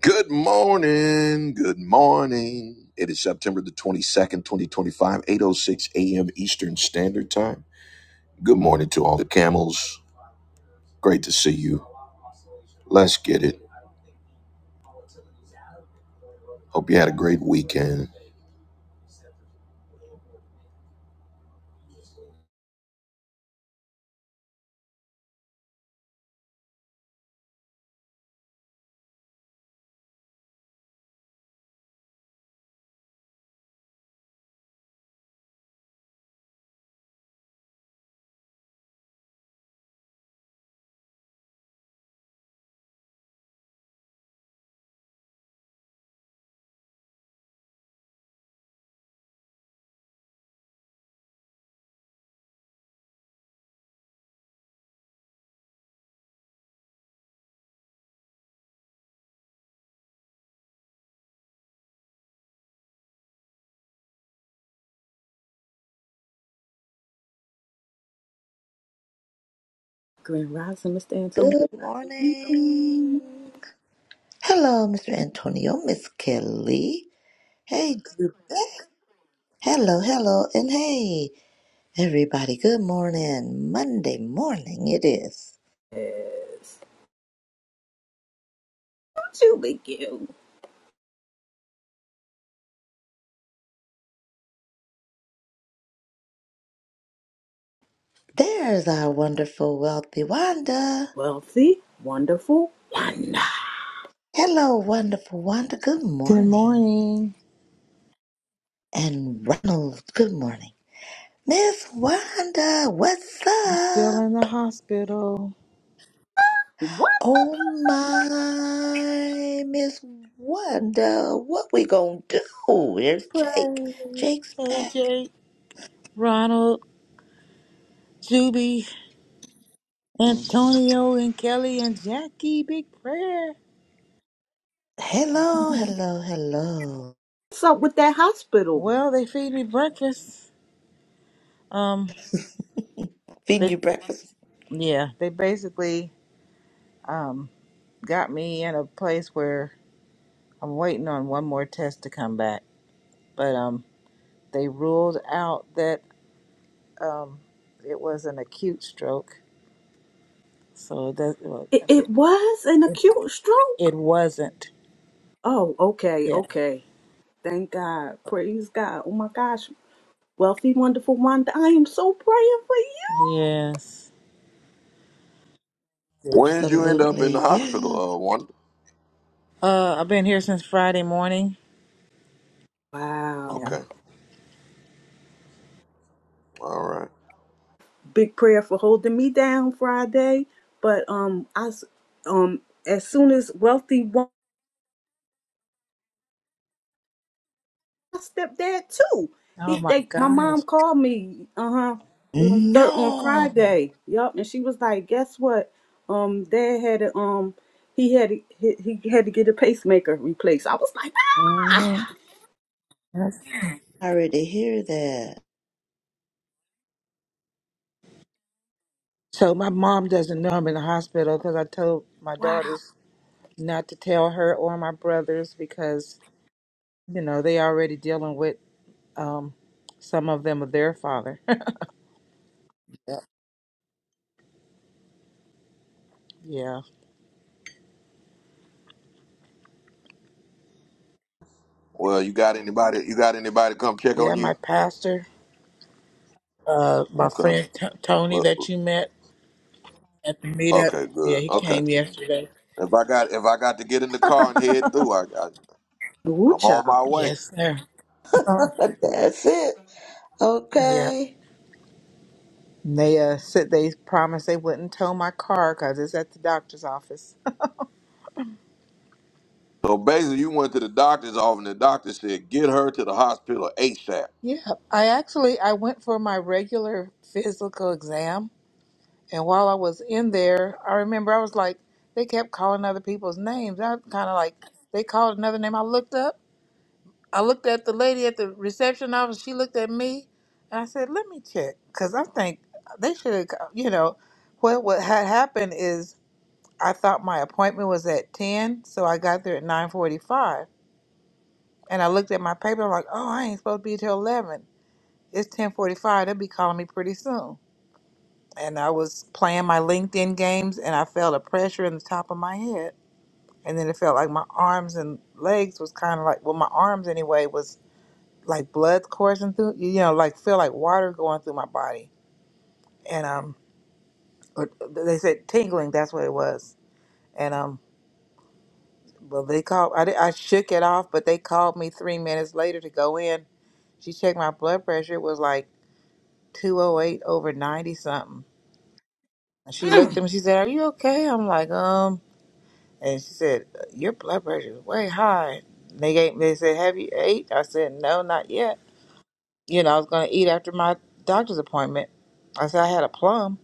Good morning. Good morning. It is September the 22nd, five, eight oh six a.m. Eastern Standard Time. Good morning to all the camels. Great to see you. Let's get it. Hope you had a great weekend. Grand Rising, Mr. Antonio. Good morning. Hello, Mr. Antonio, Miss Kelly. Hey, Jubeth. Hello, hello, and hey, everybody. Good morning. Monday morning it is. Yes. Don't you be cute. There's our wonderful, wealthy Wanda. Wealthy, wonderful, wonder. Hello, wonderful Wanda. Good Good morning. morning. And Ronald, good morning. Miss Wanda, what's I'm still up? in the hospital. What's Oh my, Miss Wanda, what we gonna do? There's Jake. Pray. Jake's back. AJ, Ronald, Juby, Antonio, and Kelly and Jackie. Big prayer. Hello, hello, hello. up with that hospital? Well, they feed me breakfast. Um, Feeding they you breakfast? yeah, they basically um got me in a place where I'm waiting on one more test to come back, but um they ruled out that um it was an acute stroke, so that well, It, it was an acute it stroke. wasn't. Oh, okay, Yeah. okay. Thank God. Praise God. Oh my gosh. Wealthy, wonderful Wanda. I am so praying for Yes. Yeah. When did you end up in the Absolutely, yeah. hospital, uh, Wanda? Uh, I've been here since Friday morning. you. Wow. Yeah. Okay. All right. Big prayer for holding me down Friday. But um I s- um as soon as wealthy my stepdad too. Oh He my they my gosh. mom called me uh-huh on third on No, Friday. Yup, and she was like, "Guess what? Um dad had a um he had to- he, he had to get a pacemaker replaced." I was like, hmm "Ah! sorry to hear that. So my mom doesn't know I'm in the hospital because I told my Wow. daughters not to tell her or my brothers because you know they already dealing with um, some of them with their father. Yeah. yeah, Well, you got anybody, you got anybody come check on yeah. My you? pastor, uh, my Okay. friend T- Tony Well, that you met at the meetup. Okay, Yeah, good. he Okay. came yesterday. If I got, if I got to get in the car and head through, I, I Ooh, I'm on child." my way. Yes, sir. Oh. That's it. Okay. And They uh, said they promised they wouldn't tow my car because it's at the doctor's office. So basically, you went to the doctor's office, and the doctor said, "Get her to the hospital ASAP." Yeah, I actually I went for my regular physical exam, and while I was in there, I remember I was like, they kept calling other people's names. I kind of like they called another name. I looked up. I looked at the lady at the reception office. She looked at me, and I said, "Let me check," because I think they should have. You know, what what had happened is I thought my appointment was at ten, so I got there at nine forty-five And I looked at my paper. I'm like, oh, I ain't supposed to be till eleven. It's ten forty-five. They'll be calling me pretty soon. And I was playing my LinkedIn games, and I felt a pressure in the top of my head, and then it felt like my arms and legs was kind of like, well, my arms anyway was like blood coursing through, you know, like feel like water going through my body. And um, or they said tingling. That's what it was. And um, well, they called. I, di- I shook it off, but they called me three minutes later to go in. She checked my blood pressure. It was like. 208 over 90 something. And she looked at me, she said, Are you okay? I'm like, um, and she said, Your blood pressure is way high. And they gave, they said, Have you ate? I said, No, not yet. You know, I was going to eat after my doctor's appointment. I said, I had a plum,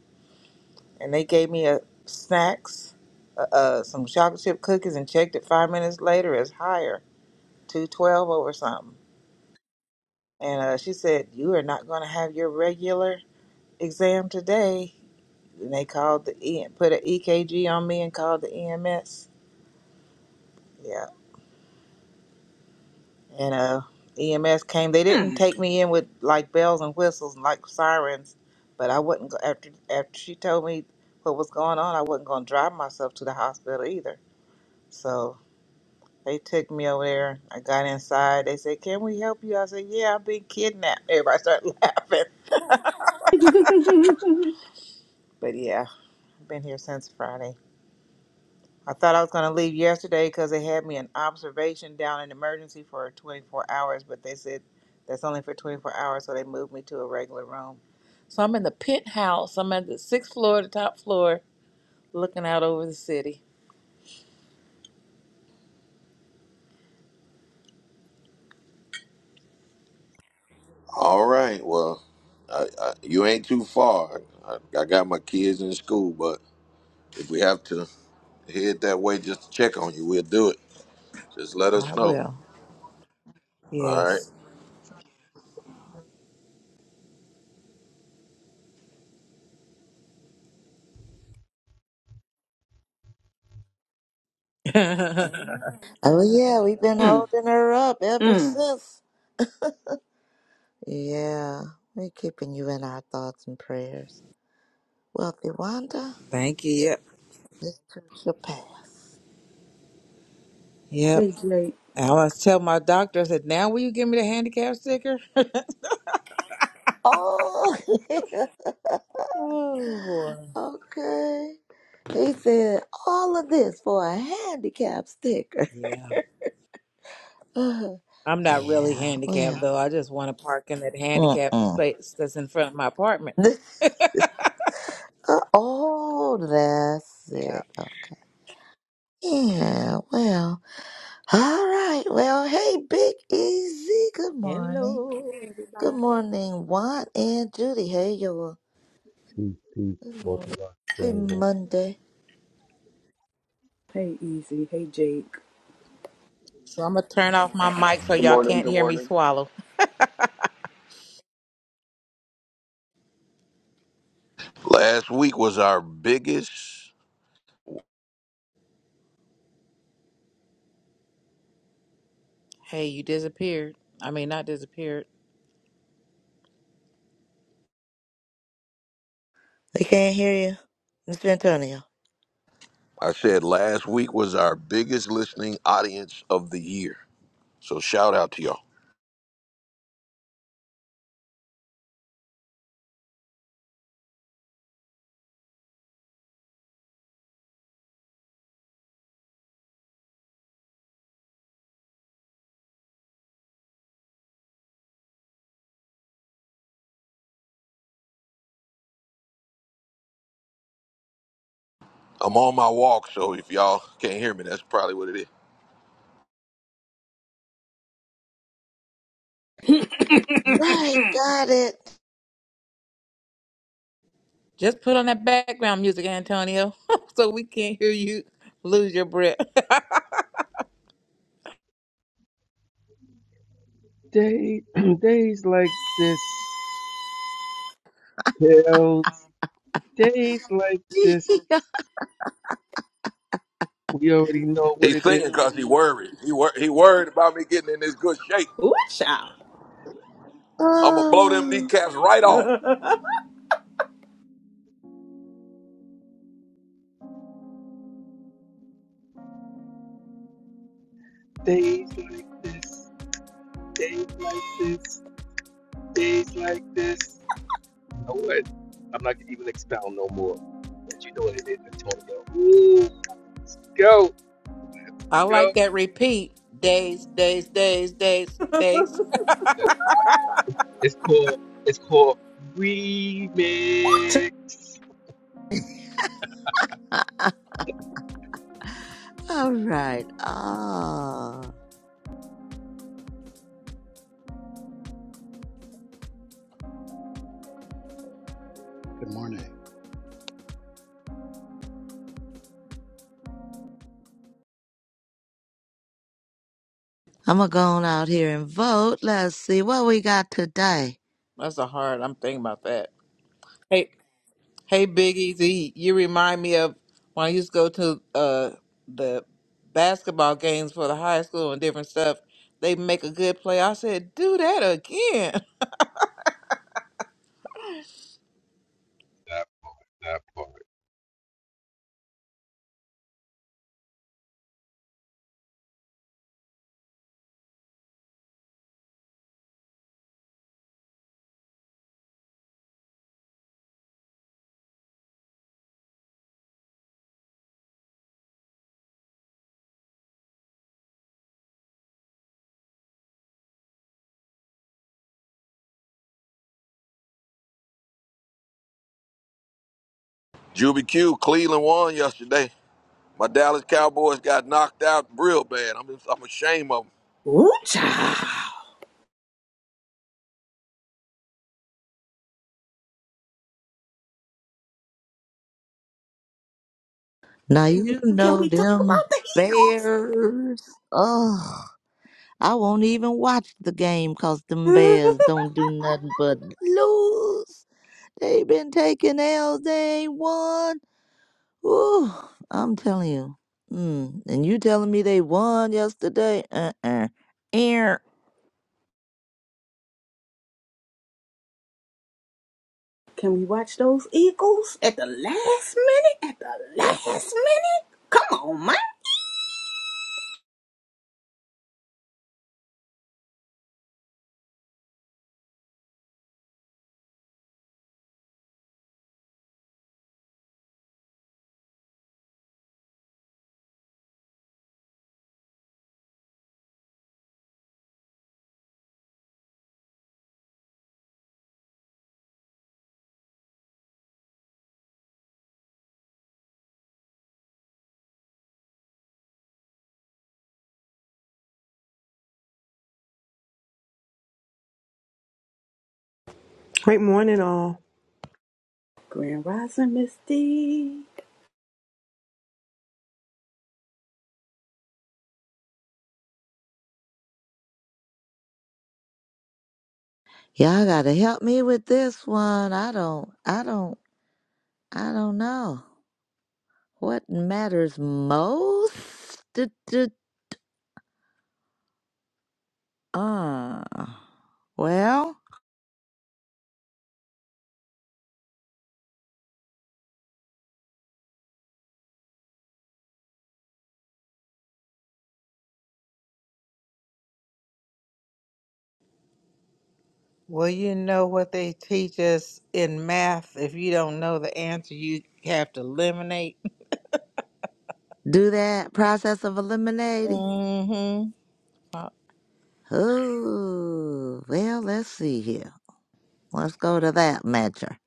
and they gave me a snacks, uh, uh, some chocolate chip cookies, and checked it five minutes later. It's higher, 212 over something. And uh, she said, You are not going to have your regular exam today And they called the E put an EKG on me and called the EMS. Yeah. And uh EMS came. They didn't take me in with like bells and whistles and like sirens, but I wouldn't go after after she told me what was going on, I wasn't gonna drive myself to the hospital either. So they took me over there. I got inside. They said, Can we help you? I said, Yeah, I've been kidnapped. Everybody started laughing. but yeah, I've been here since Friday. I thought I was going to leave yesterday because they had me in observation down in emergency for 24 hours, but they said that's only for 24 hours, so they moved me to a regular room. So I'm in the penthouse. I'm at the sixth floor, the top floor, looking out over the city. All right, well, I, I, you ain't too far. I, I got my kids in school, but if we have to head that way just to check on you, we'll do it. Just let I us know. will. All right. Yes. Oh yeah, we've been Mm, holding her up ever mm. since. Yeah, we're keeping you in our thoughts and prayers. Wealthy Wanda, Thank you. Yep. this too shall pass. Yep. hey Jake. I was tell my doctor, I said, now will you give me the handicap sticker? Oh, yeah, oh boy. okay. He said all of this for a handicap sticker. Yeah. yeah, I'm not really handicapped well, though. I just want to park in that handicap mm-mm. space that's in front of my apartment. This, Uh, oh, that's Yeah. it. Okay. Yeah, well, all right. Well, hey, Big Easy. Good morning. Hello, Good everybody. morning, Juan and Judy. Hey, y'all. Peace, peace, Good both of morning. us, Happy family, both Monday. Hey Easy. Hey Jake. So I'm gonna turn off my of mic so you. Good y'all morning. can't Good hear me morning. swallow. Last week was our biggest. Hey, you disappeared. I mean, not disappeared. They can't hear you, Mr. Antonio. I said last week was our biggest listening audience of the year. So shout out to y'all. I'm on my walk, so if y'all can't hear me, that's probably what it is. Right, got it. Just put on that background music, Antonio, so we can't hear you lose your breath. Day, days like this, tales. days like this, we already know what He's it is. singing because he worried. He wor- he worried about me getting in this good shape. Ooh, child. I'm gonna blow them Oh. kneecaps right off. Days like this, days like this, days like this. You know what? I'm not gonna even expound no more. But you know what it is, Antonio. Ooh, go, I go. like that repeat. Days, days, days, days, days. It's called, it's called remix. All right. Ah, Good morning. I'm gonna go on out here and vote. Let's see what we got today. That's a hard. I'm thinking about that. Hey, Hey, Big Easy, you remind me of when I used to go to uh, the basketball games for the high school and different stuff. They make a good play. I said, do that again. That part, that part. Juby Q, Cleveland won yesterday. My Dallas Cowboys got knocked out real bad. I'm just, I'm ashamed of them. Ooh, child. Now you Can know we talk them about the bears. Oh, I won't even watch the game 'cause them E? bears don't do nothing but lose. They've been taking L's. They ain't won. Ooh, I'm telling you. Mm, and you telling me they won yesterday? Uh uh. Ear. Can we watch those Eagles at the last minute? At the last minute? Come on, man. Great morning, all. Grand Rising Misty. Y'all gotta help me with this one. I don't. I don't. I don't know. What matters most? Du- du- Uh, well, Well, you know what they teach us in math. If you don't know the answer, you have to eliminate. do that process of eliminating. Mm-hmm. Uh, Oh, well, let's see here. Let's go to that measure.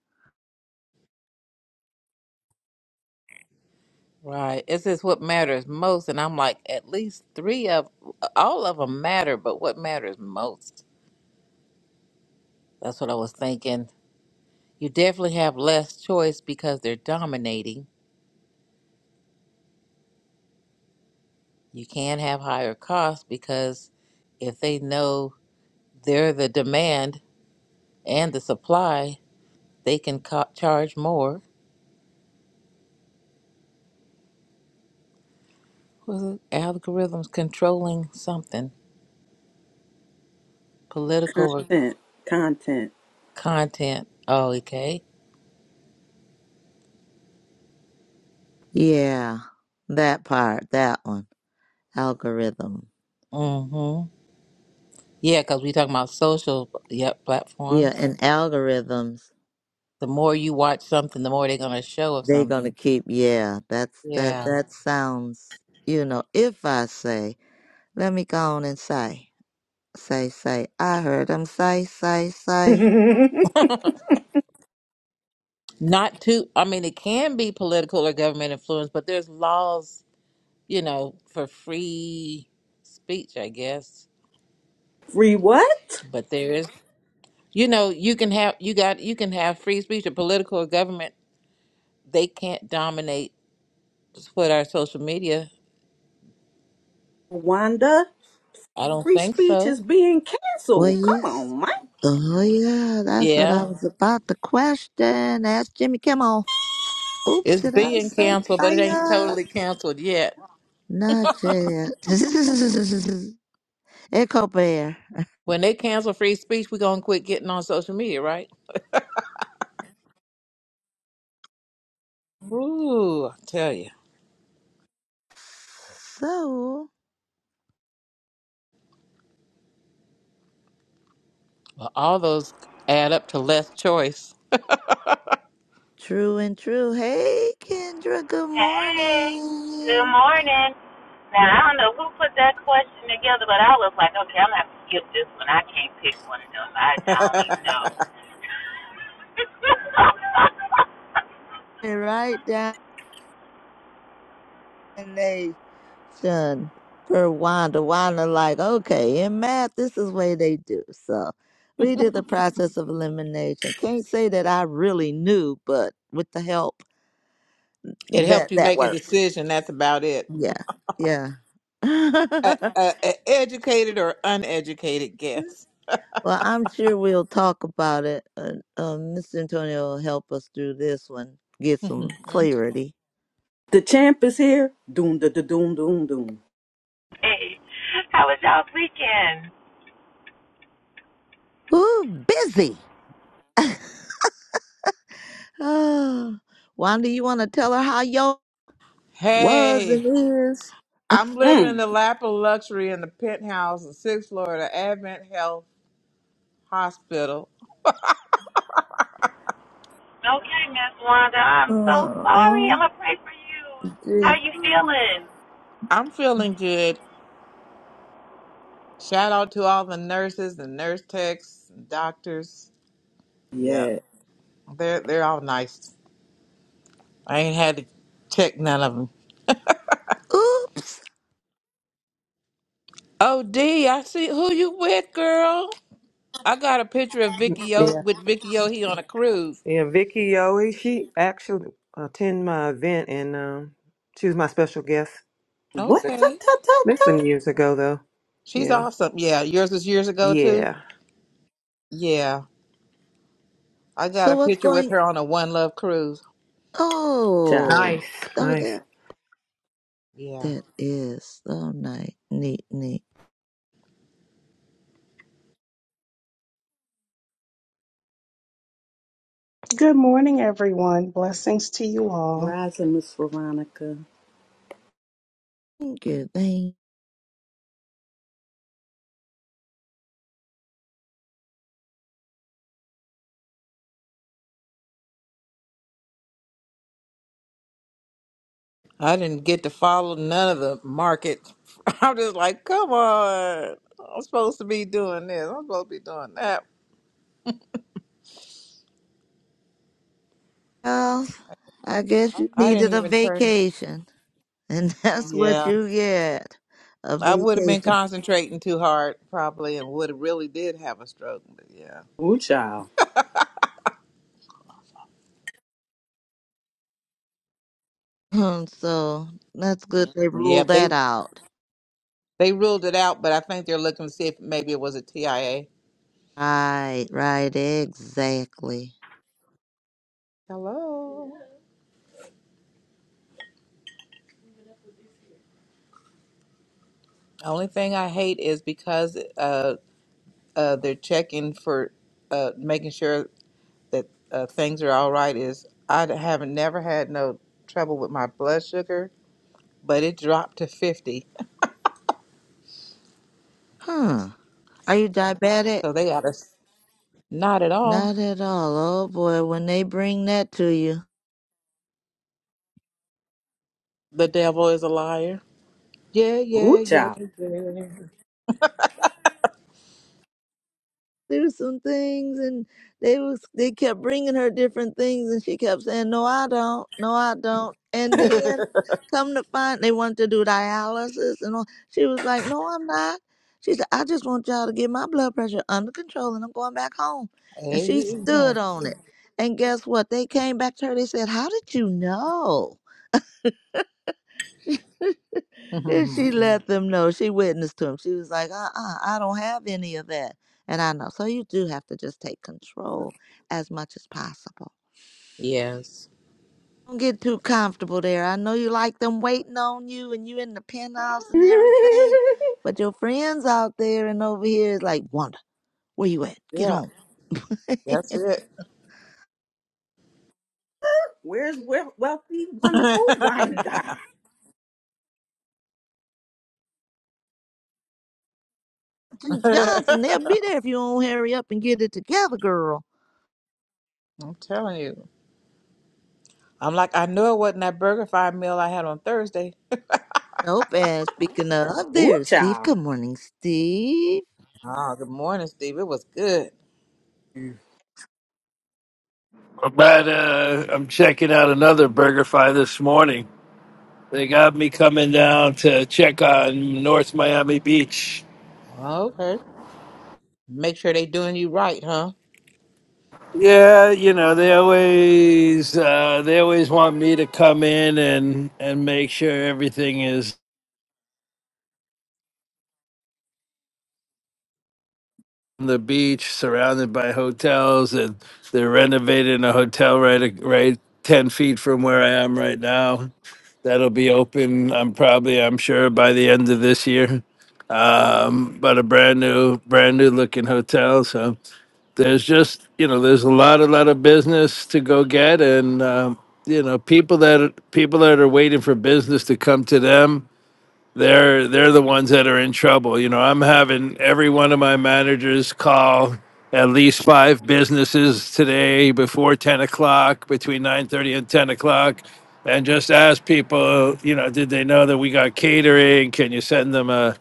Right. It's just what matters most. And I'm like, at least three of all of them matter, but what matters most? That's what I was thinking. You definitely have less choice because they're dominating. You can have higher costs because if they know they're the demand and the supply, they can co- charge more. Was it algorithms controlling something? Political or Content. Content. content? Oh, okay. Yeah, that part, that one. Algorithm. Mm-hmm. Yeah, because we talking about social yep, Yeah, platforms. and algorithms, The more you watch something, the more they're going to show of they're gonna something. keep, yeah, that's, that, Yeah. that sounds, you know, if I say, let me go on and say. Say, say. I heard him say, say, say. Not too, I mean, it can be political or government influence, but there's laws, you know, for free speech, I guess. Free what? But there is, you know, you can have, you got, you can have free speech or political or government. They can't dominate what our social media. Wanda. I don't Free think speech so. is being Well, canceled. you. Come s- on, man. Oh, yeah. That's what I Yeah. was about to question. Ask Jimmy Kimmel. Oops, It's did I being say canceled, but it ain't fire? totally canceled yet. Not yet. Echo Bear. When they cancel free speech, we're going to quit getting on social media, right? Ooh, I tell you. So, Well, all those add up to less choice. true and true. Hey, Kendra. Good Hey, good morning. morning. Now I don't know who put that question together, but I was like, okay, I'm gonna have to skip this one. I can't pick one of them. I, don't even It know. You're Right down. explanation for Wanda. Wanda, like, okay, in math, this is way they do. So we did the process of elimination. Can't say that I really knew, but with the help, helped that you that make a worked. decision. That's about it. Yeah, yeah. A, well, a, a educated or uneducated guess. I'm sure we'll talk about it. Uh, um, Mr. Antonio will help us through this one, get some Mhm. clarity. The champ is here. Doom da da doom doom doom. hey, how was y'all's weekend? Ooh, busy. oh, Wanda, you want to tell her how your was hey, and is? I'm living in Mm. the lap of luxury in the penthouse of sixth floor of the Advent Health Hospital. Okay, Miss Wanda, I'm so sorry. I'm Oh, gonna pray for you. How gee. are you feeling? I'm feeling good. Shout out to all the nurses and nurse techs, and doctors. Yeah, Yeah. they're they're all nice. I ain't had to check none of them. oops. Oh, D, I see who you with, girl. I got a picture of Vicky o- Yeah. with Vicky Ohi on a cruise. Yeah, Vicky Yowie, she actually attended my event, and um, she was my special guest. What ta Okay. ta ta That's ta? some years ago, though. She's Yeah, awesome. Yeah, yours was years ago too. yeah. Yeah. I got a So what's picture with going? her on a One Love cruise. Child. Oh, Nice, oh, nice. there. Yeah. That is so nice, neat, neat. Good morning, everyone. Blessings to you all. Rising Miss Veronica. Thank you, thank. you. I didn't get to follow none of the market. I'm just like, come on. I'm supposed to be doing this. I'm supposed to be doing that. Well, I guess you I didn't needed a even turn. vacation, and that's what Yeah. you get, a I would have been vacation. concentrating too hard probably and would have really did have a stroke. But yeah. Ooh child. Hmm, So that's good they ruled Yep. they. that out. They ruled it out, but I think they're looking to see if maybe it was a TIA. Right, right, exactly. Hello. Only thing I hate is because uh, uh, they're checking for uh, making sure that uh, things are all right. Is I haven't never had no trouble with my blood sugar, but it dropped to fifty. Huh? Are you diabetic? So they got us not at all. Not at all. Oh boy, when they bring that to you. The devil is a liar. Yeah, yeah, Ooh child. yeah, through some things and they was they kept bringing her different things and she kept saying no i don't no i don't and yeah. then come to find they wanted to do dialysis and all she was like no i'm not she said i just want y'all to get my blood pressure under control and i'm going back home and she stood Amen. on it and guess what they came back to her they said how did you know and she let them know. She witnessed to him. She was like, uh uh, I don't have any of that. And I know. So you do have to just take control as much as possible. Yes. Don't get too comfortable there. I know you like them waiting on you and you in the penthouse and everything. But your friends out there and over here is like, Wanda, where you at? Get yeah, home. that's Where's where, wealthy, wonderful it. Wanda? Johnson, they'll I'm be there if you don't hurry up and get it together, girl. telling you. I'm like, I knew it wasn't that burger fry meal I had on Thursday. Nope. And speaking of, Ooh, there's Steve. child. Good morning, Steve. Oh, good morning, Steve. It was good. But uh, I'm checking out another BurgerFi this morning. They got me coming down to check on North Miami Beach. Oh, Okay. Make sure they doing you right, huh? Yeah, you know they always uh, they always want me to come in and and make sure everything is on the beach, surrounded by hotels, and they're renovating a hotel right right ten feet from where I am right now. that'll be open. I'm probably, I'm sure, by the end of this year. Um, but a brand new, brand new looking hotel. So there's just, you know, there's a lot, a lot of business to go get, and um, you know, people that people that are waiting for business to come to them they're they're the ones that are in trouble. You know, I'm having every one of my managers call at least five businesses today before ten o'clock, between nine thirty and ten o'clock, and just ask people, you know, did they know that we got catering? Can you send them a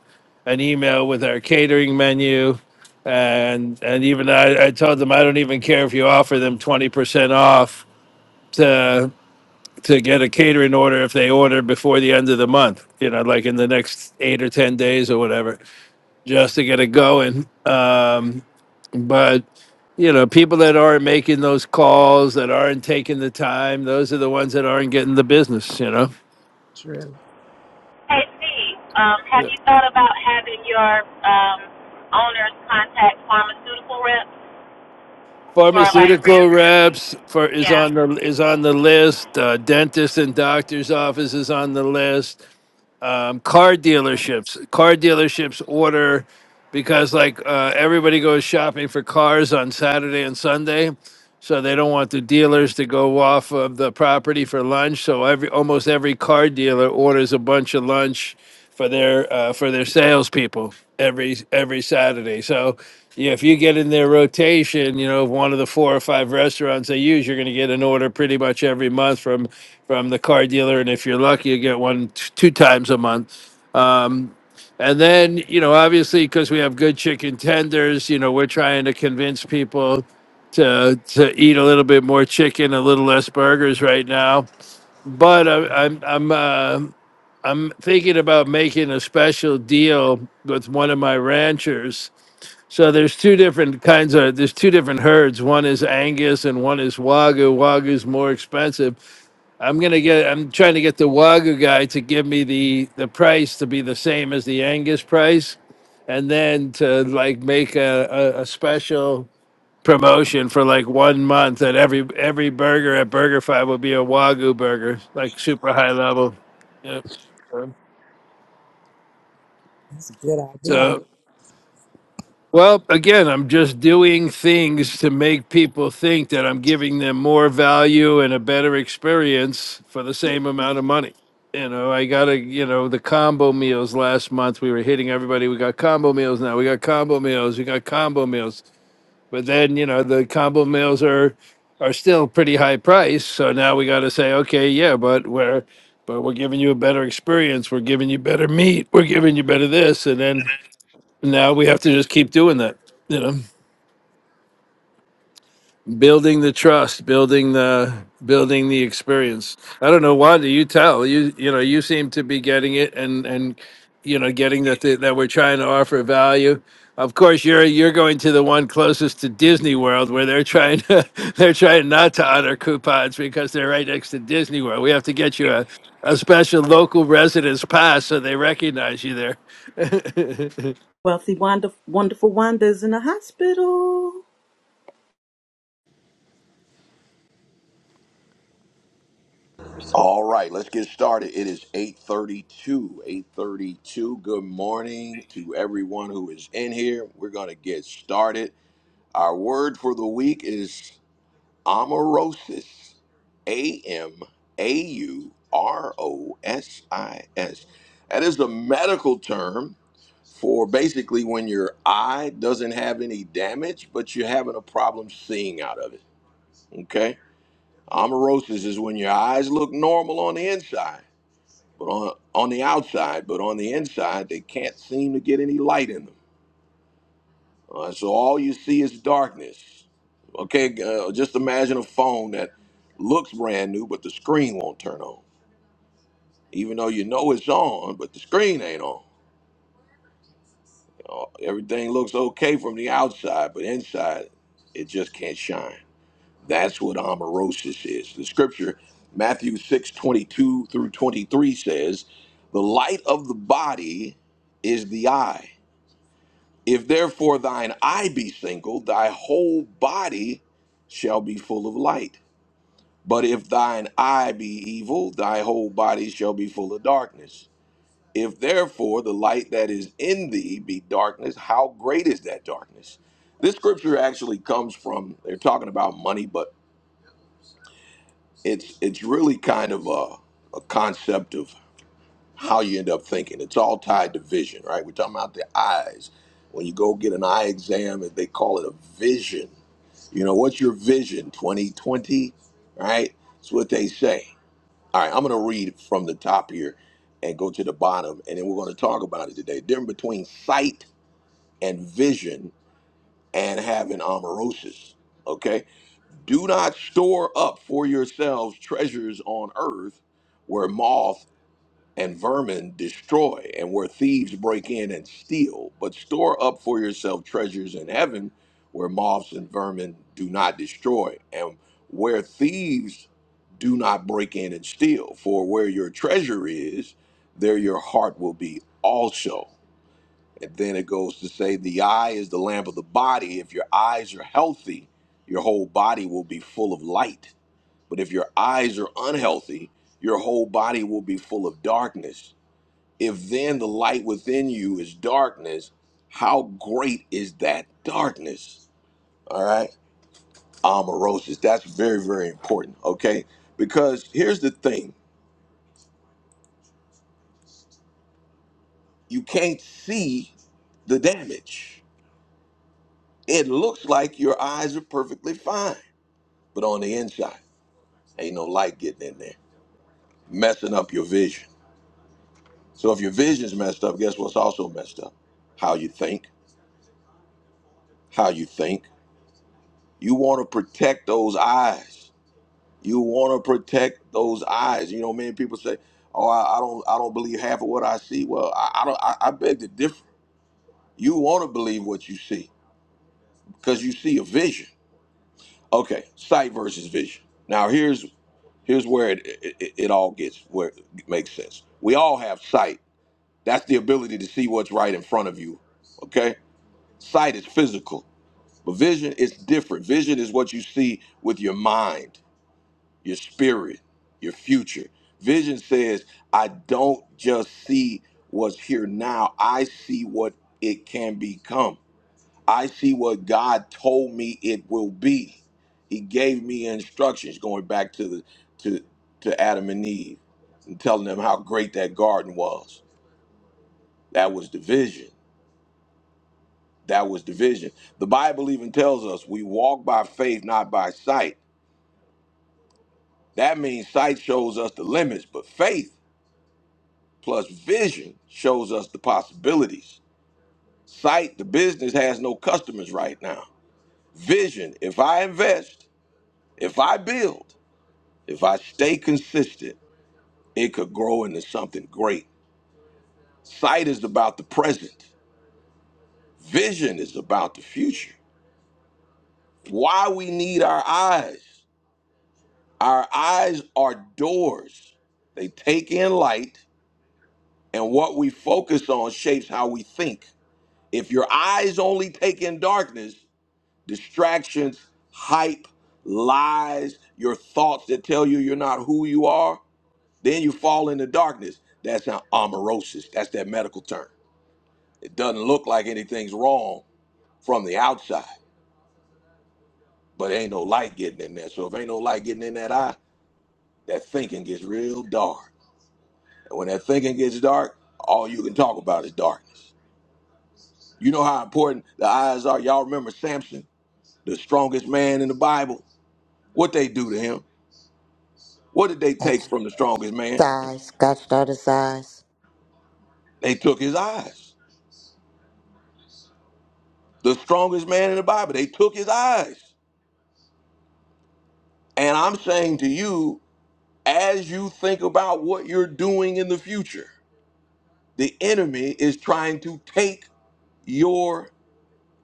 an email with our catering menu? And and even I, I told them I don't even care if you offer them twenty percent off to to get a catering order if they order before the end of the month, you know, like in the next eight or 10 days or whatever, just to get it going. Um, but, you know, people that aren't making those calls, that aren't taking the time, those are the ones that aren't getting the business, you know? True. Hey, C, um, have Yeah. you thought about having your um owners contact pharmaceutical reps for like real? Pharmaceutical reps for is Yeah. on the is on the list. Uh, dentists and doctors' offices on the list um, car dealerships. Car dealerships order because like uh, everybody goes shopping for cars on Saturday and Sunday, so they don't want the dealers to go off of the property for lunch. So every almost every car dealer orders a bunch of lunch for their uh, for their salespeople every every Saturday. So yeah, if you get in their rotation, you know of one of the four or five restaurants they use, you're going to get an order pretty much every month from from the car dealer, and if you're lucky, you get one t- two times a month. Um, and then you know, obviously, because we have good chicken tenders, you know, we're trying to convince people to to eat a little bit more chicken, a little less burgers right now. But I, I'm I'm uh, I'm thinking about making a special deal with one of my ranchers. So there's two different kinds of there's two different herds. One is Angus and one is Wagyu. Wagyu's more expensive. I'm gonna get I'm trying to get the Wagyu guy to give me the the price to be the same as the Angus price, and then to like make a, a, a special promotion for like one month that every every burger at BurgerFi will be a Wagyu burger, like super high level. Yep. That's a good idea. So, well, again, I'm just doing things to make people think that I'm giving them more value and a better experience for the same amount of money. You know, I got to, you know, the combo meals last month, we were hitting everybody. We got combo meals now. We got combo meals. We got combo meals. But then, you know, the combo meals are are still pretty high price. So now we got to say, okay, yeah, but we're but we're giving you a better experience. We're giving you better meat. We're giving you better this and then now we have to just keep doing that you know building the trust building the building the experience i don't know wanda you tell you you know you seem to be getting it and and you know getting that the, that we're trying to offer value of course you're you're going to the one closest to disney world where they're trying to they're trying not to honor coupons because they're right next to disney world we have to get you a, a special local residence pass so they recognize you there Wealthy, Wanda, wonderful Wanda is in the hospital. All right, let's get started. It is 8:32. 8:32. Good morning to everyone who is in here. We're going to get started. Our word for the week is Amaurosis, A M A U R O S I S. That is a medical term for basically when your eye doesn't have any damage, but you're having a problem seeing out of it. Okay? Amaurosis is when your eyes look normal on the inside, but on, on the outside, but on the inside, they can't seem to get any light in them. All right, so all you see is darkness. Okay, uh, just imagine a phone that looks brand new, but the screen won't turn on, even though you know it's on, but the screen ain't on. Uh, everything looks okay from the outside, but inside, it just can't shine. That's what amaurosis is. The scripture, Matthew six twenty-two through 23, says, The light of the body is the eye. If therefore thine eye be single, thy whole body shall be full of light. But if thine eye be evil, thy whole body shall be full of darkness. If therefore the light that is in thee be darkness, how great is that darkness? This scripture actually comes from they're talking about money, but it's it's really kind of a, a concept of how you end up thinking. It's all tied to vision, right? We're talking about the eyes. When you go get an eye exam, they call it a vision You know, what's your vision 2020? Right? That's what they say. All right, I'm going to read from the top here and go to the bottom, and then we're going to talk about it today. Difference between sight and vision and having amaurosis. Okay? Do not store up for yourselves treasures on earth where moth and vermin destroy, and where thieves break in and steal. But store up for yourself treasures in heaven, where moths and vermin do not destroy, and where thieves do not break in and steal. For where your treasure is, there your heart will be also. And then it goes to say, The eye is the lamp of the body. If your eyes are healthy, your whole body will be full of light. But if your eyes are unhealthy, your whole body will be full of darkness. If then the light within you is darkness, how great is that darkness? All right. Amaurosis. That's very, very important. Okay. Because here's the thing you can't see the damage. It looks like your eyes are perfectly fine, but on the inside, ain't no light getting in there, messing up your vision. So if your vision's messed up, guess what's also messed up? How you think, how you think. You want to protect those eyes. You want to protect those eyes. You know, many people say, "Oh, I, I don't, I don't believe half of what I see." Well, I, I don't. I, I beg to differ. You want to believe what you see because you see a vision. Okay, sight versus vision. Now here's here's where it, it, it all gets where it makes sense. We all have sight. That's the ability to see what's right in front of you. Okay, sight is physical, but vision is different. Vision is what you see with your mind. your spirit, your future. Vision says, I don't just see what's here now, I see what it can become. I see what God told me it will be. He gave me instructions going back to the to to Adam and Eve and telling them how great that garden was. That was the vision. That was the vision. The Bible even tells us we walk by faith, not by sight. That means sight shows us the limits, but faith Plus, vision shows us the possibilities. Sight, the business has no customers right now. Vision, if I invest, if I build, if I stay consistent, it could grow into something great. Sight is about the present, vision is about the future. Why we need our eyes? Our eyes are doors, they take in light, and what we focus on shapes how we think. If your eyes only take in darkness, distractions, hype, lies, your thoughts that tell you you're not who you are, then you fall into darkness. That's not amaurosis. That's that medical term. It doesn't look like anything's wrong from the outside, but ain't no light getting in there. So if ain't no light getting in that eye, that thinking gets real dark. And when that thinking gets dark, all you can talk about is darkness. You know how important the eyes are. Y'all remember Samson, the strongest man in the Bible? What they do to him? What did they take from the strongest man? Size, Scotch Daughter Size. They took his eyes. The strongest man in the Bible, they took his eyes. And I'm saying to you, as you think about what you're doing in the future, the enemy is trying to take your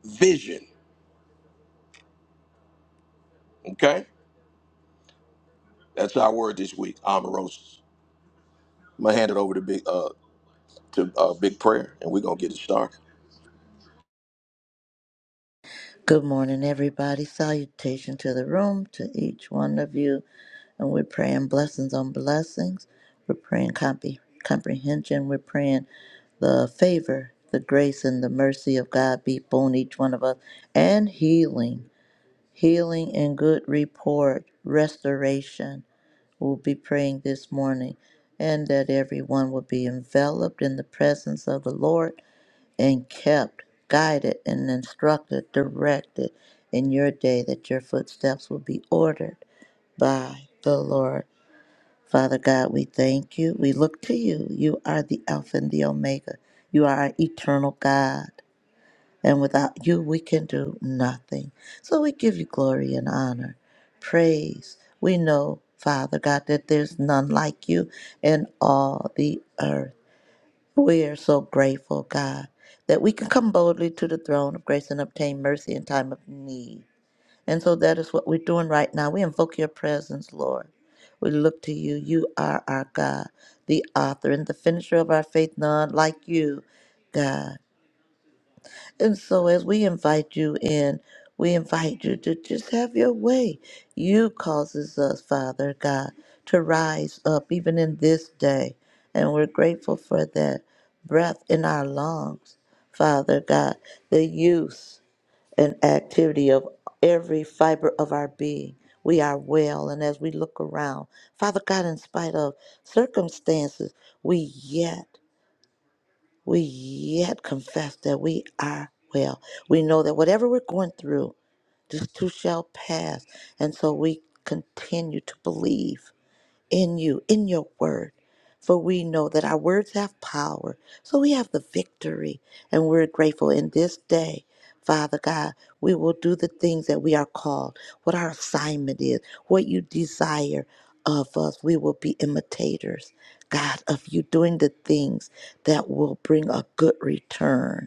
vision. Okay? That's our word this week, Amarosis. I'm gonna hand it over to Big uh to uh, Big Prayer and we're gonna get it started. Good morning, everybody. Salutation to the room, to each one of you. And we're praying blessings on blessings. We're praying compre- comprehension. We're praying the favor, the grace, and the mercy of God be upon each one of us. And healing, healing and good report, restoration. We'll be praying this morning. And that everyone will be enveloped in the presence of the Lord and kept, guided and instructed, directed in your day that your footsteps will be ordered by the Lord. Father God, we thank you. We look to you. You are the Alpha and the Omega. You are our eternal God. And without you, we can do nothing. So we give you glory and honor, praise. We know, Father God, that there's none like you in all the earth. We are so grateful, God, that we can come boldly to the throne of grace and obtain mercy in time of need. And so that is what we're doing right now. We invoke your presence, Lord. We look to you. You are our God, the author and the finisher of our faith, none like you, God. And so, as we invite you in, we invite you to just have your way. You causes us, Father God, to rise up even in this day. And we're grateful for that breath in our lungs, Father God, the use and activity of every fiber of our being. We are well. And as we look around, Father God, in spite of circumstances, we yet we yet confess that we are well. We know that whatever we're going through, this too shall pass. And so we continue to believe in you, in your word. For we know that our words have power. So we have the victory. And we're grateful in this day, Father God. We will do the things that we are called, what our assignment is, what you desire of us. We will be imitators, God, of you doing the things that will bring a good return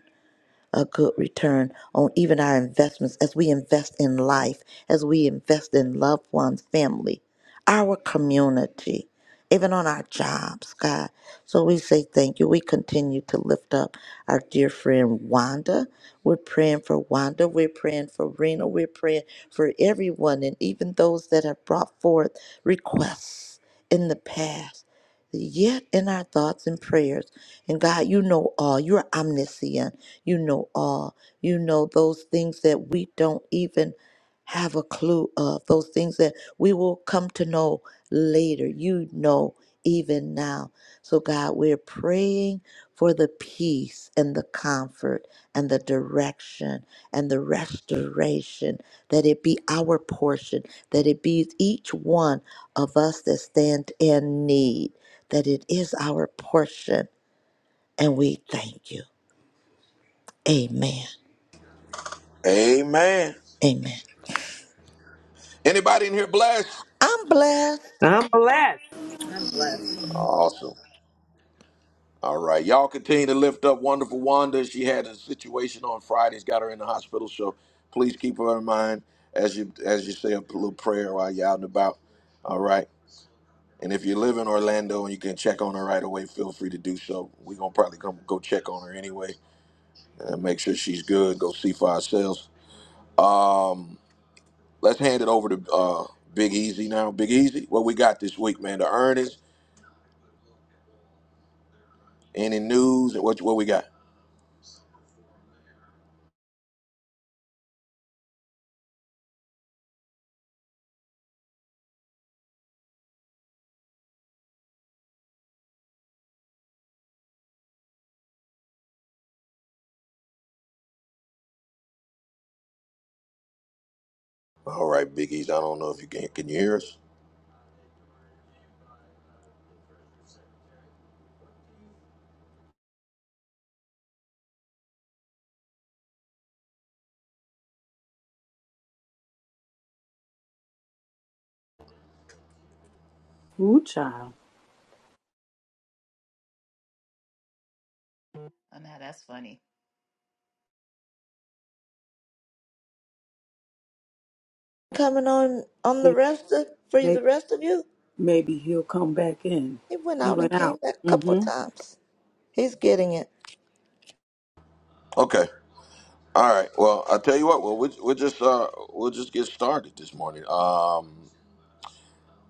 a good return on even our investments as we invest in life, as we invest in loved ones, family, our community, even on our jobs, God. So we say thank you. We continue to lift up our dear friend Wanda. We're praying for Wanda. We're praying for Rena. We're praying for everyone and even those that have brought forth requests in the past. Yet in our thoughts and prayers. And God, you know all. You're omniscient. You know all. You know those things that we don't even have a clue of, those things that we will come to know later. You know even now. So, God, we're praying for the peace and the comfort and the direction and the restoration, that it be our portion, that it be each one of us that stand in need, that it is our portion. And we thank you. Amen. Amen. Amen. Anybody in here blessed? I'm blessed. I'm blessed. Awesome. All right, y'all continue to lift up wonderful Wanda. She had a situation on Friday; has got her in the hospital. So please keep her in mind as you as you say a little prayer while you're out and about. All right, and if you live in Orlando and you can check on her right away, feel free to do so. We're gonna probably come go check on her anyway and make sure she's good. Go see for ourselves. Um, let's hand it over to uh, Big Easy now. Big Easy, what we got this week, man? The earnings, any news, and what what we got? All right, Big Easy. I don't know if you can can you hear us. Ooh, child. Coming on on the Maybe, rest of for the maybe, rest of you. maybe he'll come back in. He went He out and went came out. back a couple of Mm-hmm. times. He's getting it Okay. All right. Well, I'll tell you what. Well, we'll, we'll just uh, we'll just get started this morning. Um,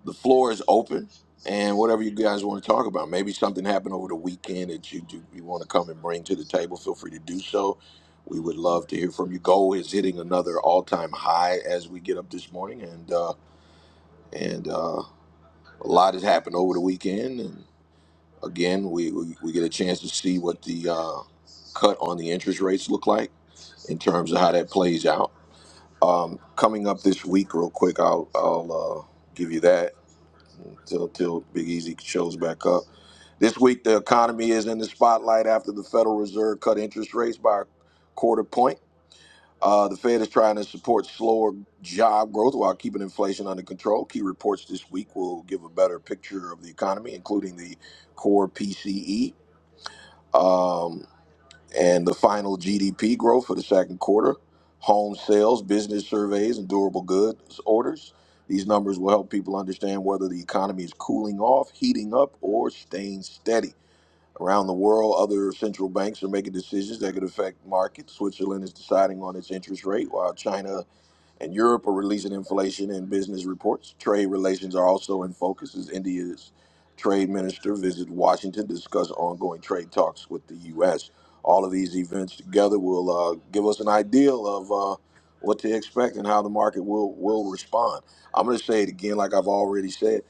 the floor is open, and whatever you guys want to talk about, maybe something happened over the weekend that you do, you want to come and bring to the table. Feel free to do so. We would love to hear from you. Gold is hitting another all time high as we get up this morning, and uh, and uh, a lot has happened over the weekend. And again, we, we, we get a chance to see what the uh, cut on the interest rates look like in terms of how that plays out. Um, coming up this week, real quick, I'll I'll uh, give you that until till Big Easy shows back up. This week, the economy is in the spotlight after the Federal Reserve cut interest rates by a quarter point. Uh, the Fed is trying to support slower job growth while keeping inflation under control. Key reports this week will give a better picture of the economy, including the core PCE. Um, and the final GDP growth for the second quarter, home sales, business surveys, and durable goods orders. These numbers will help people understand whether the economy is cooling off, heating up, or staying steady. Around the world, other central banks are making decisions that could affect markets. Switzerland is deciding on its interest rate, while China and Europe are releasing inflation and business reports. Trade relations are also in focus as India's trade minister visits Washington to discuss ongoing trade talks with the U.S. All of these events together will uh, give us an idea of uh, what to expect and how the market will will respond. I'm going to say it again, like I've already said.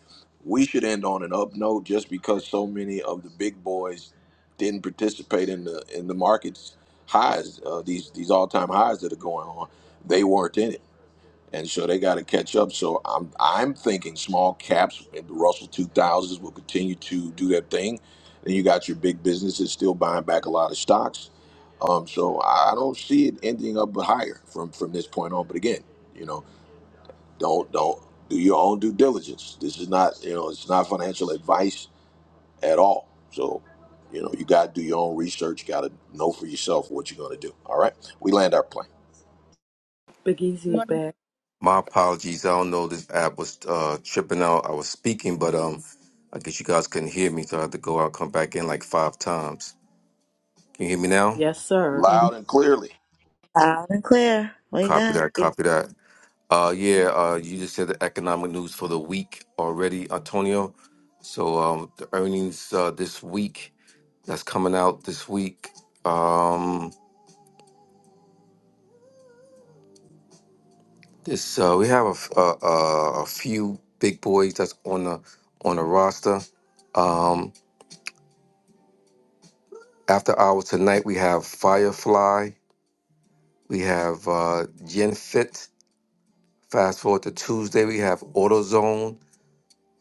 We should end on an up note just because so many of the big boys didn't participate in the in the markets highs, uh, these these all time highs that are going on they weren't in it and so they got to catch up. So I'm I'm thinking small caps, maybe Russell two thousands will continue to do their thing. Then you got your big businesses still buying back a lot of stocks. Um, so I I don't see it ending up but higher from from this point on. But again, you know, don't don't do your own due diligence. This is not you know it's not financial advice at all. So. You know, you got to do your own research. Got to know for yourself what you're going to do. All right, we land our plane Big Easy is Morning, back. My apologies. I don't know this app was uh, tripping out. I was speaking, but um, I guess you guys couldn't hear me, so I had to go out, come back in like five times. Can you hear me now? Yes, sir. and loud and clearly. loud and clear. We Copy got that. you. Copy that. Uh, yeah. Uh, you just said the economic news for the week already, Antonio. So um, the earnings uh, this week that's coming out this week. Um, this uh, we have a, f- a, a- a few big boys that's on the on the roster. Um, After hours tonight, we have Firefly. We have uh, Gen Fit. Fast forward to Tuesday, we have AutoZone.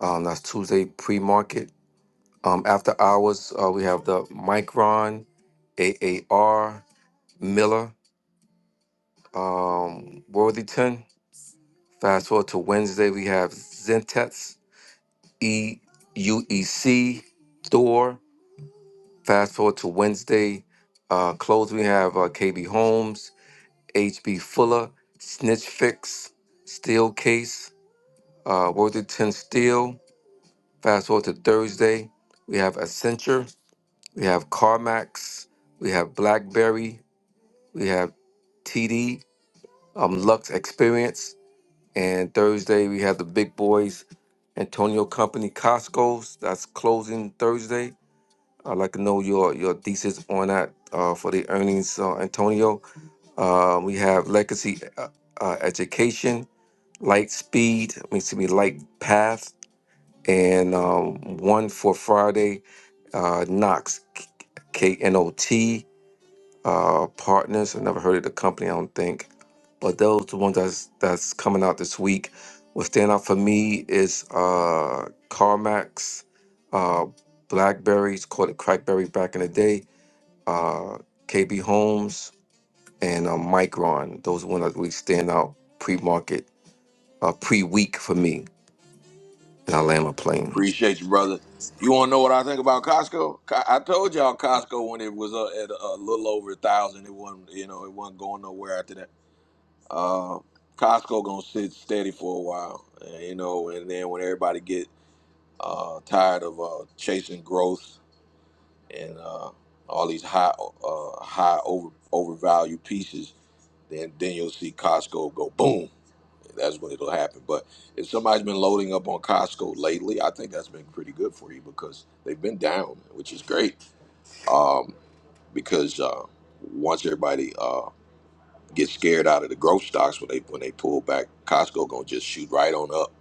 Um, that's Tuesday pre market. Um, after hours, uh, we have the Micron, AAR, Miller, um, Worthington. Fast forward to Wednesday, we have Zentex, EUEC, Thor. Fast forward to Wednesday, uh, close, we have uh, KB Homes. H.B. Fuller, Snitch Fix, Steel Case, uh, Worthington Steel. Fast forward to Thursday, we have Accenture, we have CarMax, we have BlackBerry, we have TD, um, Lux Experience, and Thursday we have the big boys, Antonio Company, Costco's. That's closing Thursday. I'd like to know your your thesis on that uh, for the earnings, uh, Antonio. Uh, we have legacy uh, uh, education, light speed, I mean, excuse me, light path, and um, one for Friday, uh, Knox, K N O T uh, Partners. I never heard of the company, I don't think, but those the ones that's that's coming out this week. What stand out for me is uh, CarMax, uh, Blackberries, called it Crackberry back in the day. Uh, KB Homes and um, Micron. Those ones that really stand out pre-market, uh, pre-week for me. And I land my plane. Appreciate you, brother. You want to know what I think about Costco? Co- I told y'all Costco when it was uh, at a little over a thousand, it wasn't you know it wasn't going nowhere after that. Uh, Costco gonna sit steady for a while, uh, you know, and then when everybody get uh, tired of uh, chasing growth and uh, all these high uh, high over overvalued pieces, then then you'll see Costco go boom that's when it'll happen. But if somebody's been loading up on Costco lately, I think that's been pretty good for you because they've been down, which is great. Um, because uh, once everybody uh, gets scared out of the growth stocks when they when they pull back, Costco gonna just shoot right on up,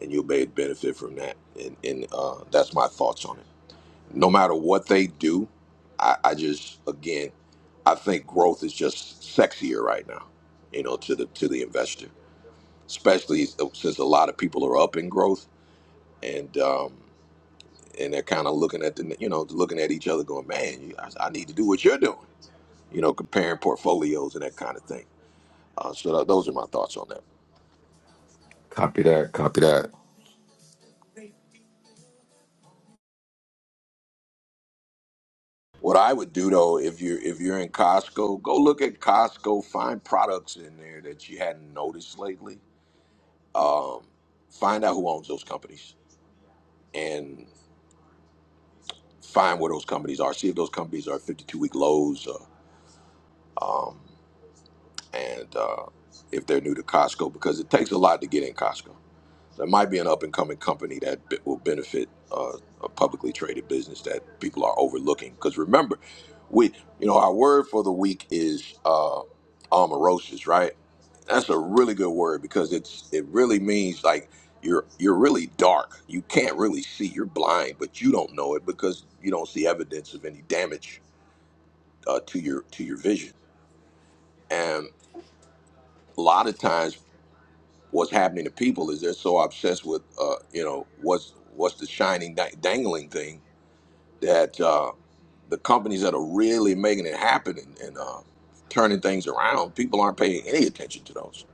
and you'll be benefit from that. And and uh, that's my thoughts on it. No matter what they do, I, I just again, I think growth is just sexier right now, you know, to the to the investor especially uh, since a lot of people are up in growth and um, and they're kind of looking at the you know looking at each other going, man, you, I, I need to do what you're doing, you know, comparing portfolios and that kind of thing. Uh, so th- those are my thoughts on that. Copy that. Copy that. What I would do though, if you're if you're in Costco, go look at Costco, find products in there that you hadn't noticed lately. Um, find out who owns those companies and find where those companies are. See if those companies are 52 week lows. Uh, and uh, if they're new to Costco, because it takes a lot to get in Costco. There might be an up and coming company that be- will benefit uh, a publicly traded business that people are overlooking. Because remember, we, you know, our word for the week is uh, amaurosis, right? That's a really good word because it's it really means like you're you're really dark. You can't really see. You're blind, but you don't know it because you don't see evidence of any damage uh, to your to your vision. And a lot of times. what's happening to people is they're so obsessed with uh, you know what's what's the shining dang- dangling thing that uh, the companies that are really making it happen and, and uh, turning things around people aren't paying any attention to those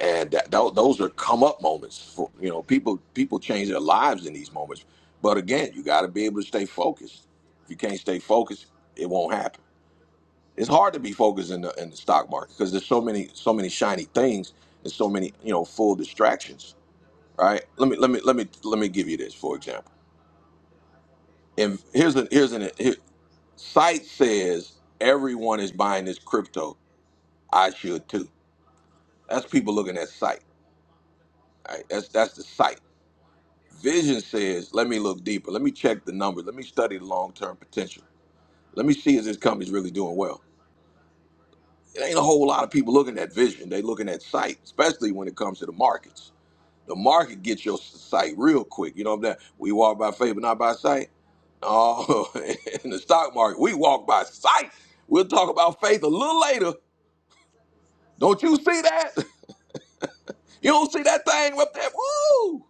and that, tho- those are come up moments for you know people people change their lives in these moments but again you got to be able to stay focused if you can't stay focused it won't happen it's hard to be focused in the, in the stock market because there's so many so many shiny things and so many you know full distractions right? Let me let me let me let me give you this for example. And here's an here's an here, site says everyone is buying this crypto. I should too. That's people looking at site. Right? That's that's the site. Vision says, let me look deeper. Let me check the numbers. Let me study the long term potential. Let me see if this company's really doing well. It ain't a whole lot of people looking at vision. They looking at site, especially when it comes to the markets. The market gets your sight real quick. You know what I'm saying? We walk by faith, but not by sight. Oh, in the stock market, we walk by sight. We'll talk about faith a little later. Don't you see that? You don't see that thing up there? Woo!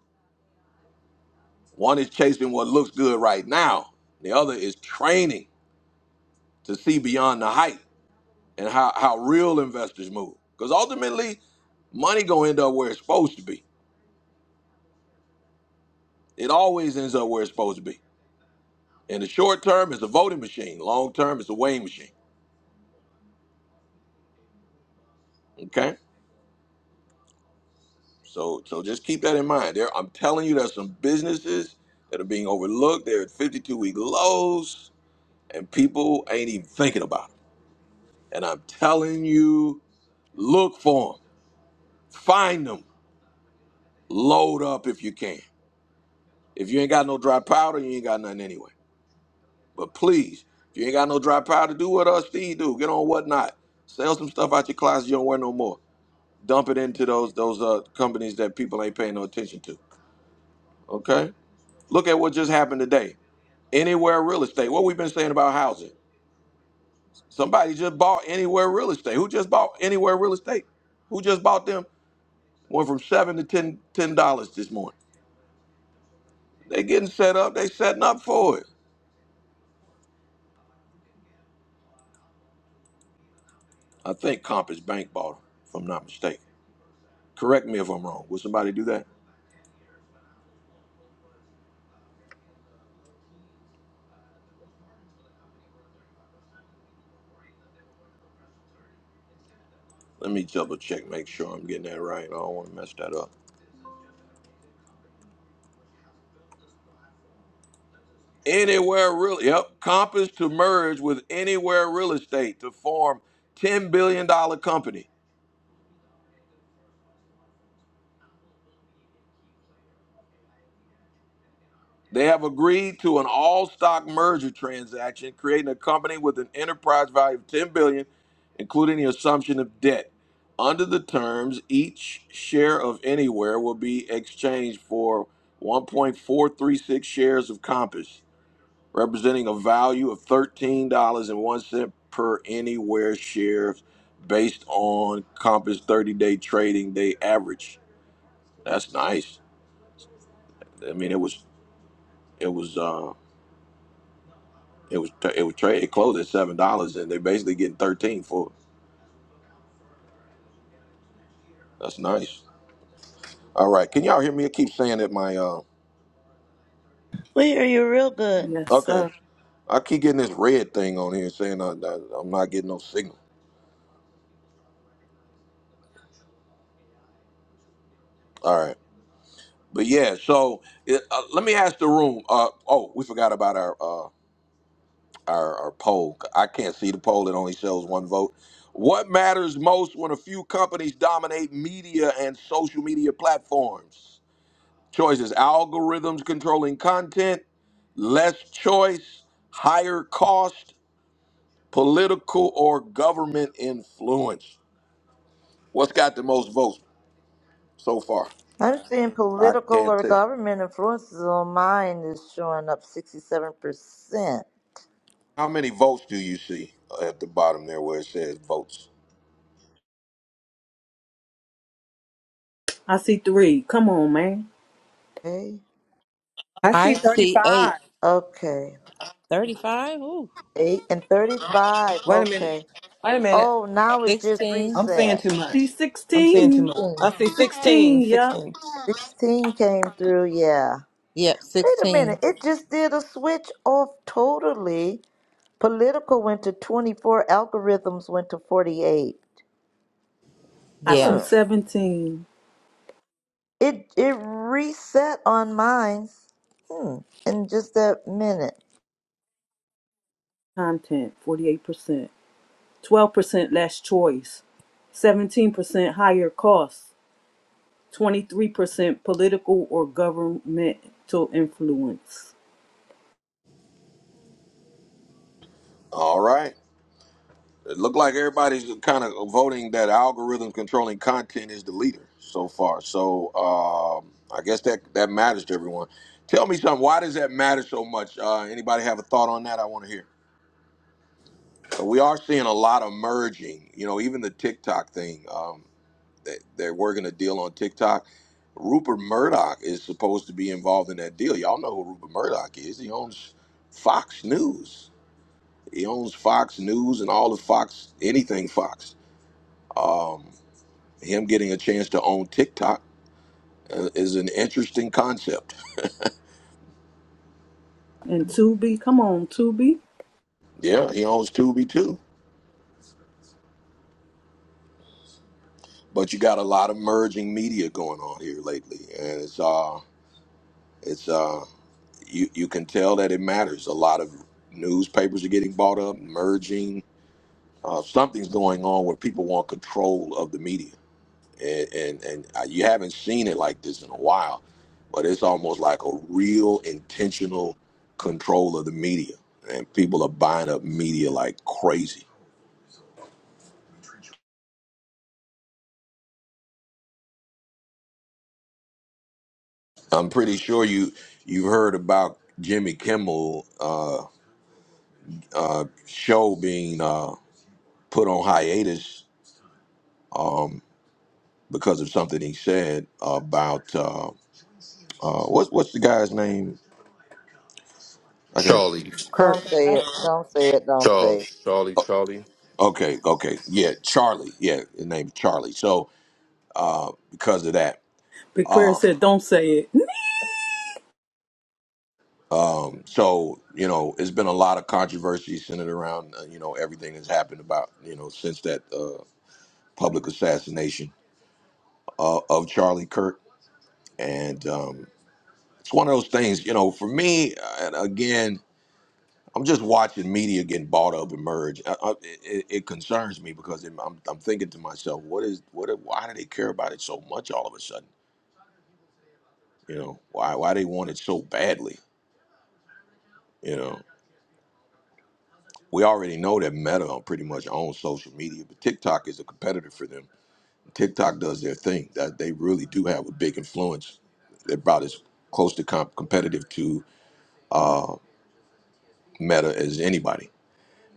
One is chasing what looks good right now. The other is training to see beyond the hype and how, how real investors move. Because ultimately, money gonna end up where it's supposed to be. It always ends up where it's supposed to be. In the short term, it's a voting machine. Long term, it's a weighing machine. Okay, so so just keep that in mind. There, I'm telling you, there's some businesses that are being overlooked. They're at 52 week lows, and people ain't even thinking about it. And I'm telling you, look for them, find them, load up if you can. If you ain't got no dry powder, you ain't got nothing anyway. But please, if you ain't got no dry powder, do what us Steve do. Get on whatnot. Sell some stuff out your closet you don't wear no more. Dump it into those those uh, companies that people ain't paying no attention to. Okay. Look at what just happened today. Anywhere real estate. What we've been saying about housing. Somebody just bought anywhere real estate. Who just bought anywhere real estate? Who just bought them? Went from seven to ten ten dollars this morning. They getting set up. They setting up for it. I think Compass Bank bought them, if I'm not mistaken. Correct me if I'm wrong. Will somebody do that? Let me double check, make sure I'm getting that right. I don't want to mess that up. Anywhere real, yep, Compass to merge with Anywhere Real Estate to form $10 billion dollar company. They have agreed to an all-stock merger transaction, creating a company with an enterprise value of 10 billion, dollars, including the assumption of debt. Under the terms, each share of Anywhere will be exchanged for 1.436 shares of Compass, representing a value of $13.01 per Anywhere share based on Compass 30-day trading day average. That's nice. I mean, it was it was uh, It was it was trade. It closed at seven dollars, and they're basically getting thirteen for. it. That's nice. All right, can y'all hear me? I keep saying that my uh. We hear you real good. Yes, Okay, sir. I keep getting this red thing on here saying I, I, I'm not getting no signal. All right, but yeah. So it, uh, let me ask the room. Uh oh, we forgot about our uh our, our poll. I can't see the poll. It only shows one vote. What matters most when a few companies dominate media and social media platforms? Choices: algorithms controlling content less choice, higher cost, political or government influence. What's got the most votes so far? I'm seeing I political can't or tell. government influences on mine is showing up 67%. How many votes do you see at the bottom there where it says votes? I see three. Come on, man. Okay. I see I see 35. eight. Okay. 35? Ooh. 8 and 35. Wait a minute. Okay. Wait a minute. Oh, now it just 16. I'm saying reset. too See much. I'm saying too 16. much. I 16. see 16, 16, yup. 16. 16 came through, yeah. Yep, Wait a 16. minute. It just did a switch off totally. Political went to 24, algorithms went to 48. I see Hmm. Yes. 17. It it reset on mine. Hmm. In just that minute. Content, 48%. 12% less choice. 17% higher costs. 23% political or governmental influence. All right. It looked like everybody's kind of voting that algorithm controlling content is the leader so far. So um, I guess that that matters to everyone. Tell me something. Why does that matter so much? Uh, anybody have a thought on that? I want to hear. 'Cause we are seeing a lot of merging. You know, even the TikTok thing. Um, that they're working a deal on TikTok. Rupert Murdoch is supposed to be involved in that deal. Y'all know who Rupert Murdoch is. He owns Fox News. He owns Fox News and all of Fox, anything Fox. Um, him getting a chance to own TikTok uh, is an interesting concept. And Tubi, come on, Tubi. Yeah, he owns Tubi too. But you got a lot of merging media going on here lately, and it's uh, it's uh, you, you can tell that it matters. A lot of newspapers are getting bought up, merging. Uh, something's going on where people want control of the media, and, and and uh, you haven't seen it like this in a while, but it's almost like a real intentional control of the media, and people are buying up media like crazy. I'm pretty sure you you heard about Jimmy Kimmel uh, uh, show being uh, put on hiatus because of something he said about uh, uh, what's what's the guy's name? Okay, Charlie, Kirk. Don't say Robin it. Don't say it. Don't say it. Charles, Charlie, Charlie. okay, okay. Yeah, Charlie. Yeah, his name's Charlie. So because of that, Big Prayer uh, said, don't say it. um, so you know, it's been a lot of controversy centered around uh, you know everything that's happened about you know since that uh, public assassination uh, of Charlie Kirk, and um, it's one of those things. You know, for me, uh, and again. I'm just watching media getting bought up and merged. I, I, it, it concerns me because I'm, I'm I'm thinking to myself, what is what? Why do they care about it so much all of a sudden? You know, why why they want it so badly? You know, we already know that Meta pretty much owns social media, but TikTok is a competitor for them. TikTok does their thing. That they really do have a big influence. They're about as close to comp- competitive to uh, Meta as anybody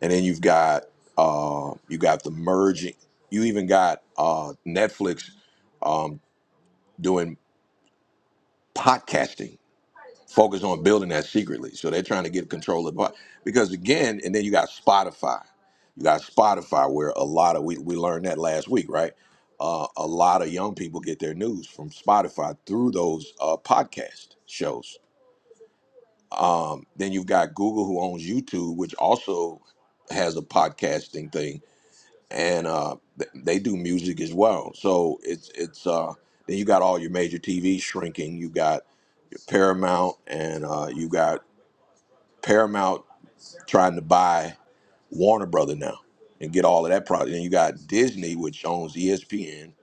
and then you've got uh, you got the merging. You even got uh, Netflix um, doing podcasting, focused on building that secretly. So they're trying to get control of pod- because again, and then you got Spotify. You got Spotify, where a lot of we we learned that last week, right? Uh, a lot of young people get their news from Spotify through those uh, podcast shows. Um, then you've got Google, who owns YouTube, which also has a podcasting thing and uh, th- they do music as well. So it's it's uh, then you got all your major TV shrinking. You got Paramount, and uh, you got Paramount trying to buy Warner Brother now and get all of that product. And you got Disney, which owns ESPN,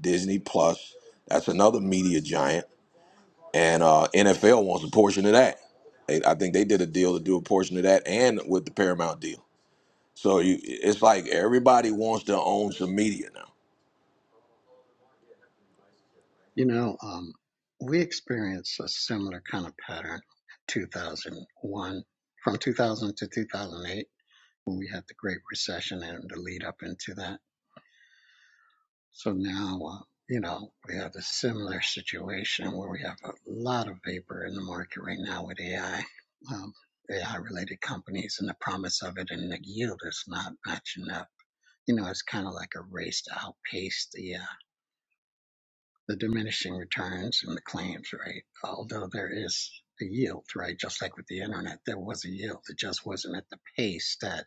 Disney Plus. That's another media giant, and uh, NFL wants a portion of that. They, I think they did a deal to do a portion of that, and with the Paramount deal. So you, it's like everybody wants to own some media now You know, um, we experienced a similar kind of pattern 2001, from 2000 to 2008, when we had the Great Recession and the lead up into that. So now, uh, you know, we have a similar situation where we have a lot of vapor in the market right now with AI, um, AI related companies, and the promise of it and the yield is not matching up. You know, it's kind of like a race to outpace the AI the diminishing returns and the claims, right? Although there is a yield, right? Just like with the internet, there was a yield. It just wasn't at the pace that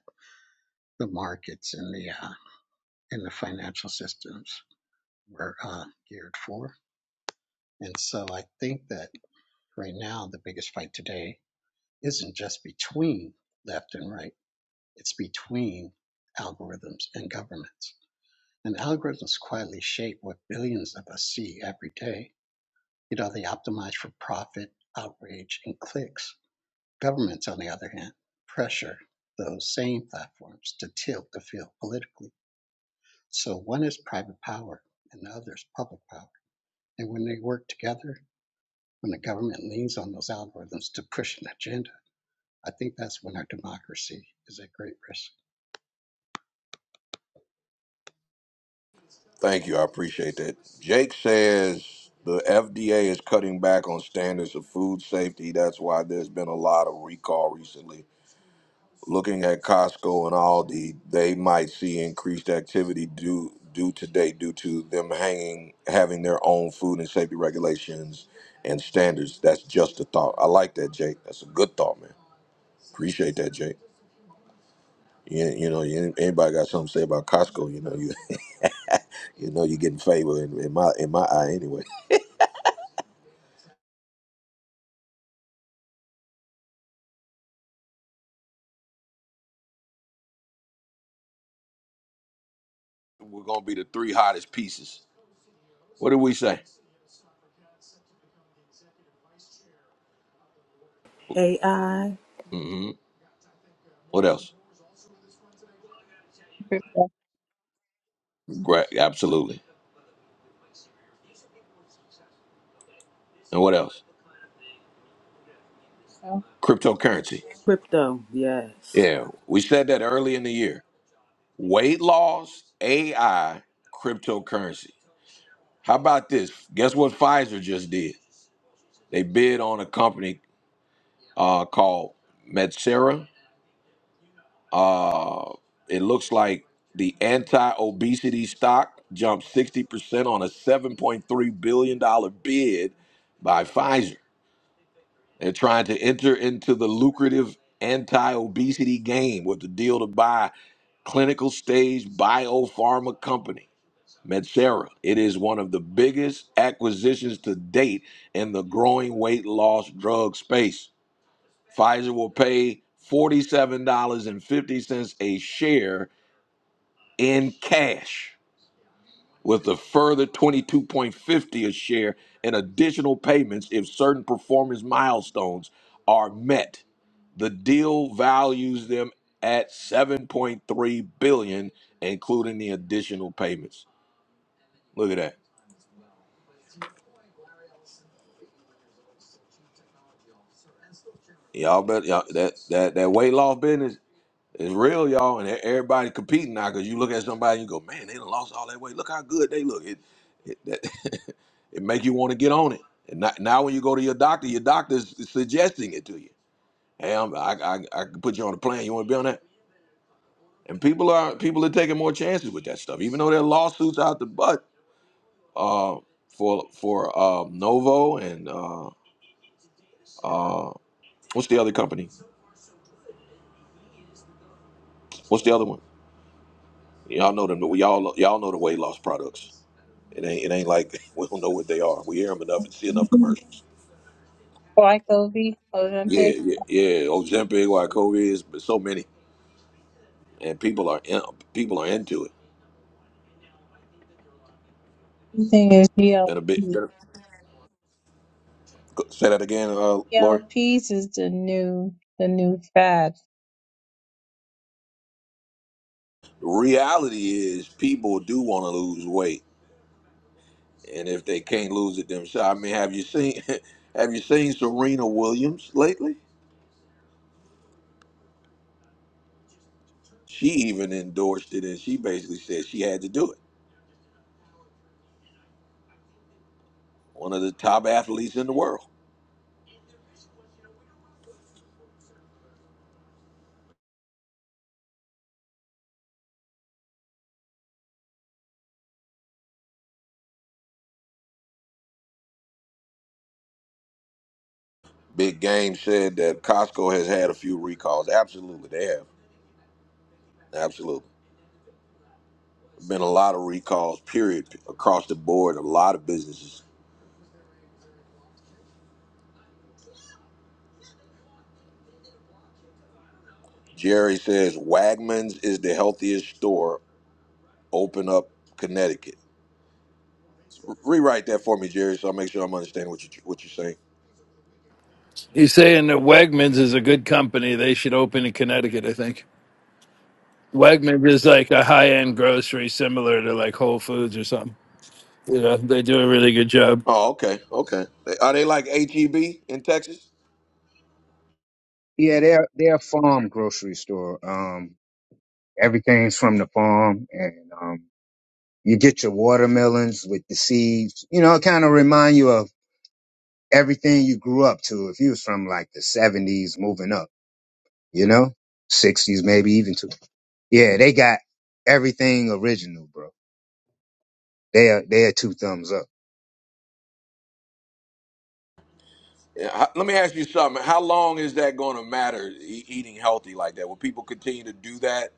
the markets and the uh, and the financial systems were uh, geared for. And so I think that right now the biggest fight today isn't just between left and right. It's between algorithms and governments. And algorithms quietly shape what billions of us see every day You know, they optimize for profit, outrage, and clicks. Governments, on the other hand, pressure those same platforms to tilt the field politically. So one is private power and the other is public power. And when they work together, when the government leans on those algorithms to push an agenda, I think that's when our democracy is at great risk. Thank you. I appreciate that. Jake says the FDA is cutting back on standards of food safety. That's why there's been a lot of recall recently. Looking at Costco and Aldi, they might see increased activity due due today due to them hanging having their own food and safety regulations and standards. That's just a thought. I like that, Jake. That's a good thought, man. Appreciate that, Jake. You, you know, you, anybody got something to say about Costco? You know, you you know you're getting favor in, in my in my eye anyway. We're gonna be the three hottest pieces. What did we say? AI, mm hmm What else? Kristofferson. Great, absolutely. And what else? Cryptocurrency. crypto, yes. Yeah, we said that early in the year. Weight loss, AI, cryptocurrency. How about this? Guess what Pfizer just did? They bid on a company uh, called Medsera. Uh, it looks like the anti-obesity stock jumped 60% on a $7.3 billion dollar bid by Pfizer. They're trying to enter into the lucrative anti obesity game with the deal to buy clinical stage biopharma company, Medsera. It is one of the biggest acquisitions to date in the growing weight loss drug space. Pfizer will pay $47.50 a share in cash with a further 22.50 a share in additional payments if certain performance milestones are met. The deal values them at 7.3 billion including the additional payments. Look at that. Y'all bet y'all, that that that weight loss business is real y'all and e- everybody competing now cuz you look at somebody and you go, "Man, they done lost all that weight. Look how good they look." It it, that, it make you want to get on it. And not, now when you go to your doctor, your doctor's suggesting it to you. Hey, I'm, I, I I can put you on a plane. You want to be on that? And people are people are taking more chances with that stuff, even though there are lawsuits out the butt uh, for for uh, Novo and uh, uh, what's the other company? What's the other one? Y'all know them. Y'all y'all know the weight loss products. It ain't it ain't like we don't know what they are. We hear them enough and see enough commercials. Black Ovi, Yeah, Ozempic. yeah, yeah. Ozempic, Wycovia, is but so many, and people are in, people are into it. The thing is Been a bit. GLP. Been a, say that again, uh, Lori. GLPs is the new the new fad. The reality is people do want to lose weight, and if they can't lose it themselves, I mean, have you seen have you seen Serena Williams lately? She even endorsed it, and she basically said she had to do it. One of the top athletes in the world. Big Game said that Costco has had a few recalls. Absolutely, they have. Absolutely, been a lot of recalls. Period across the board. A lot of businesses. Jerry says Wegmans is the healthiest store open up Connecticut. Rewrite that for me, Jerry, so I make sure I'm understanding what you what you're saying. He's saying that Wegmans is a good company. They should open in Connecticut, I think. Wegmans is like a high end grocery similar to like Whole Foods or something. You know, they do a really good job. Oh, okay, okay. Are they like HEB in Texas? Yeah, they're they're a farm grocery store. Um, everything's from the farm, and um, you get your watermelons with the seeds. You know, it kind of remind you of everything you grew up to. If you was from like the seventies, moving up, you know, sixties maybe even to. Yeah, they got everything original, bro. They are they are two thumbs up. Yeah, h- let me ask you something. How long is that going to matter? E- eating healthy like that? Will people continue to do that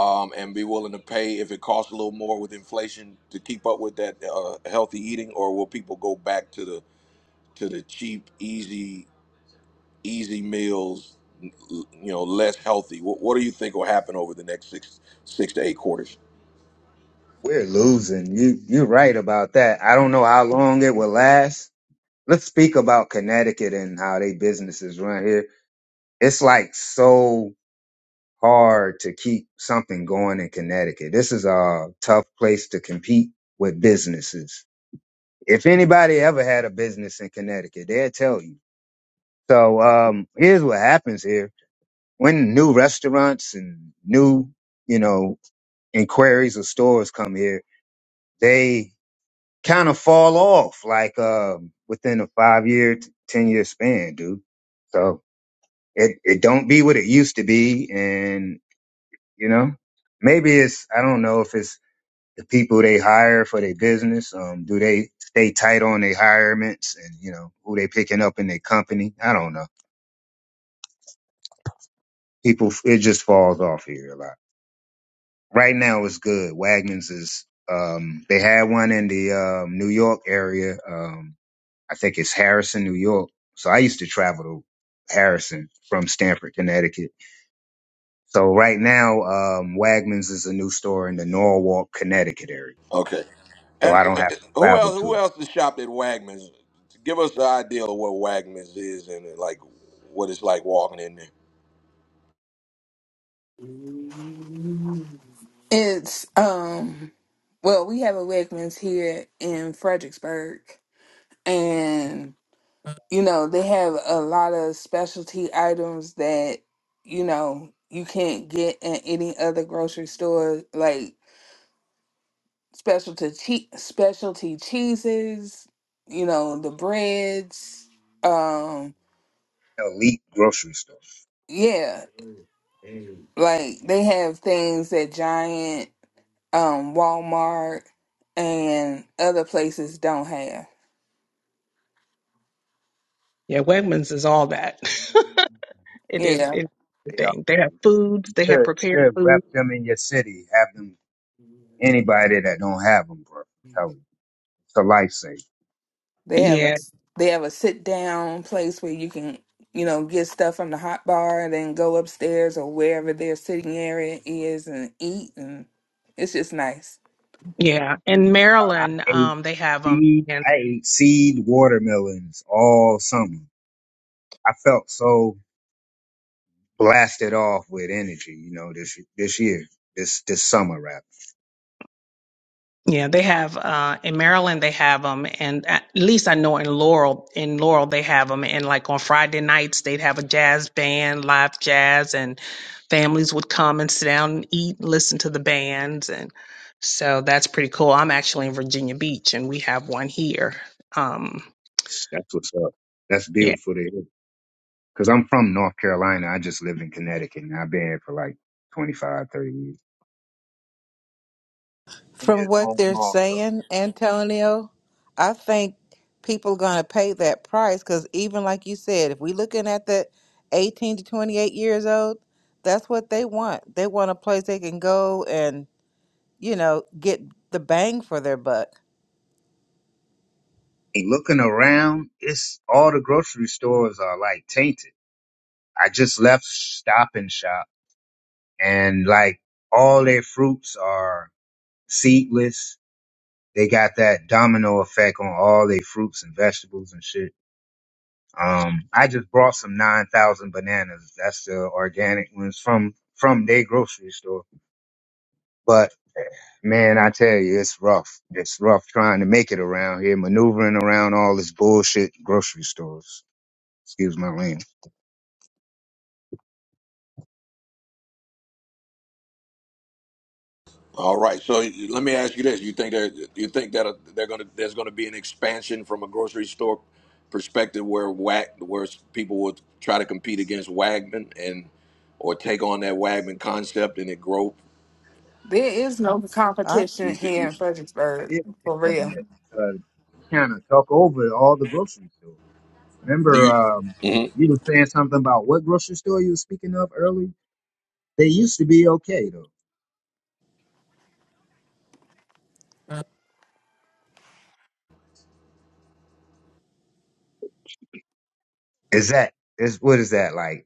um, and be willing to pay if it costs a little more with inflation to keep up with that uh, healthy eating, or will people go back to the to the cheap, easy, easy meals? You know, less healthy. What, what do you think will happen over the next six six to eight quarters? We're losing. You you're right about that. I don't know how long it will last. Let's speak about Connecticut and how they businesses run here. It's like so. hard to keep something going in Connecticut. This is a tough place to compete with businesses. If anybody ever had a business in Connecticut, they'll tell you. So um, here's what happens here. When new restaurants and new, you know, inquiries or stores come here, they kind of fall off like um, within a five year, t- 10 year span, dude. So it, it don't be what it used to be. And, you know, maybe it's I don't know if it's the people they hire for their business. Um, do they stay tight on their hirements and you know who they picking up in their company? I don't know. People, it just falls off here a lot. Right now, it's good. Wagman's is um, they had one in the um, New York area. Um, I think it's Harrison, New York. So I used to travel to Harrison from Stamford, Connecticut. So right now, um, Wagman's is a new store in the Norwalk, Connecticut area. Okay. So And I don't uh, have to who travel else? to Who else has shopped at Wegmans? Give us the idea of what Wegmans is and uh, like what it's like walking in there. It's um well, we have a Wegmans here in Fredericksburg and you know, they have a lot of specialty items that you know, you can't get in any other grocery store like specialty che- specialty cheeses, you know, the breads, um elite grocery store. yeah, like they have things that Giant, um Walmart and other places don't have. Yeah, Wegmans is all that. it is Yeah. it's the thing. They have foods. They have Should prepared should food. rep them in your city. Have them anybody that don't have them, bro. Tell them. it's a lifesaver. They have a Yeah, they have a sit down place where you can, you know, get stuff from the hot bar and then go upstairs or wherever their sitting area is and eat and it's just nice. yeah. In Uh, I Maryland, ate um, they have them. seed. I ate seed watermelons all summer. I felt so blasted off with energy. You know this this year, this this summer rap. Yeah, they have uh in Maryland they have them and at least I know in Laurel in Laurel they have them and like on Friday nights they'd have a jazz band, live jazz and families would come and sit down and eat, listen to the bands and so that's pretty cool. I'm actually in Virginia Beach and we have one here. Um That's what's up. That's yeah. beautiful to hear. Cause I'm from North Carolina. I just live in Connecticut, and I've been here for like 25, 30 years. And From it's what home they're also. saying, Antonio, I think people are going to pay that price because even like you said, if we're looking at the 18 to 28 years old, that's what they want. They want a place they can go and, you know, get the bang for their buck. looking around, it's all the grocery stores are like tainted. I just left Stop and Shop and like all their fruits are seedless. They got that domino effect on all their fruits and vegetables and shit. Um, I just brought some 9,000 bananas. That's the organic ones from, from their grocery store. But man, I tell you, it's rough. It's rough trying to make it around here, maneuvering around all this bullshit grocery stores. Excuse my language. All right. So you- let me ask you this: You think there? You think that uh, they're gonna there's gonna be an expansion from a grocery store perspective where Wag where people will try to compete against Wagman and or take on that Wagman concept and it grow? There is no I, Do competition you? Do here you, in I Fredericksburg, did think for on real. that. Uh, you kind of took over all the grocery stores. do Remember, you um, mhm. you were saying something about what grocery store you were speaking of early? They used to be okay though. Is that is what is that like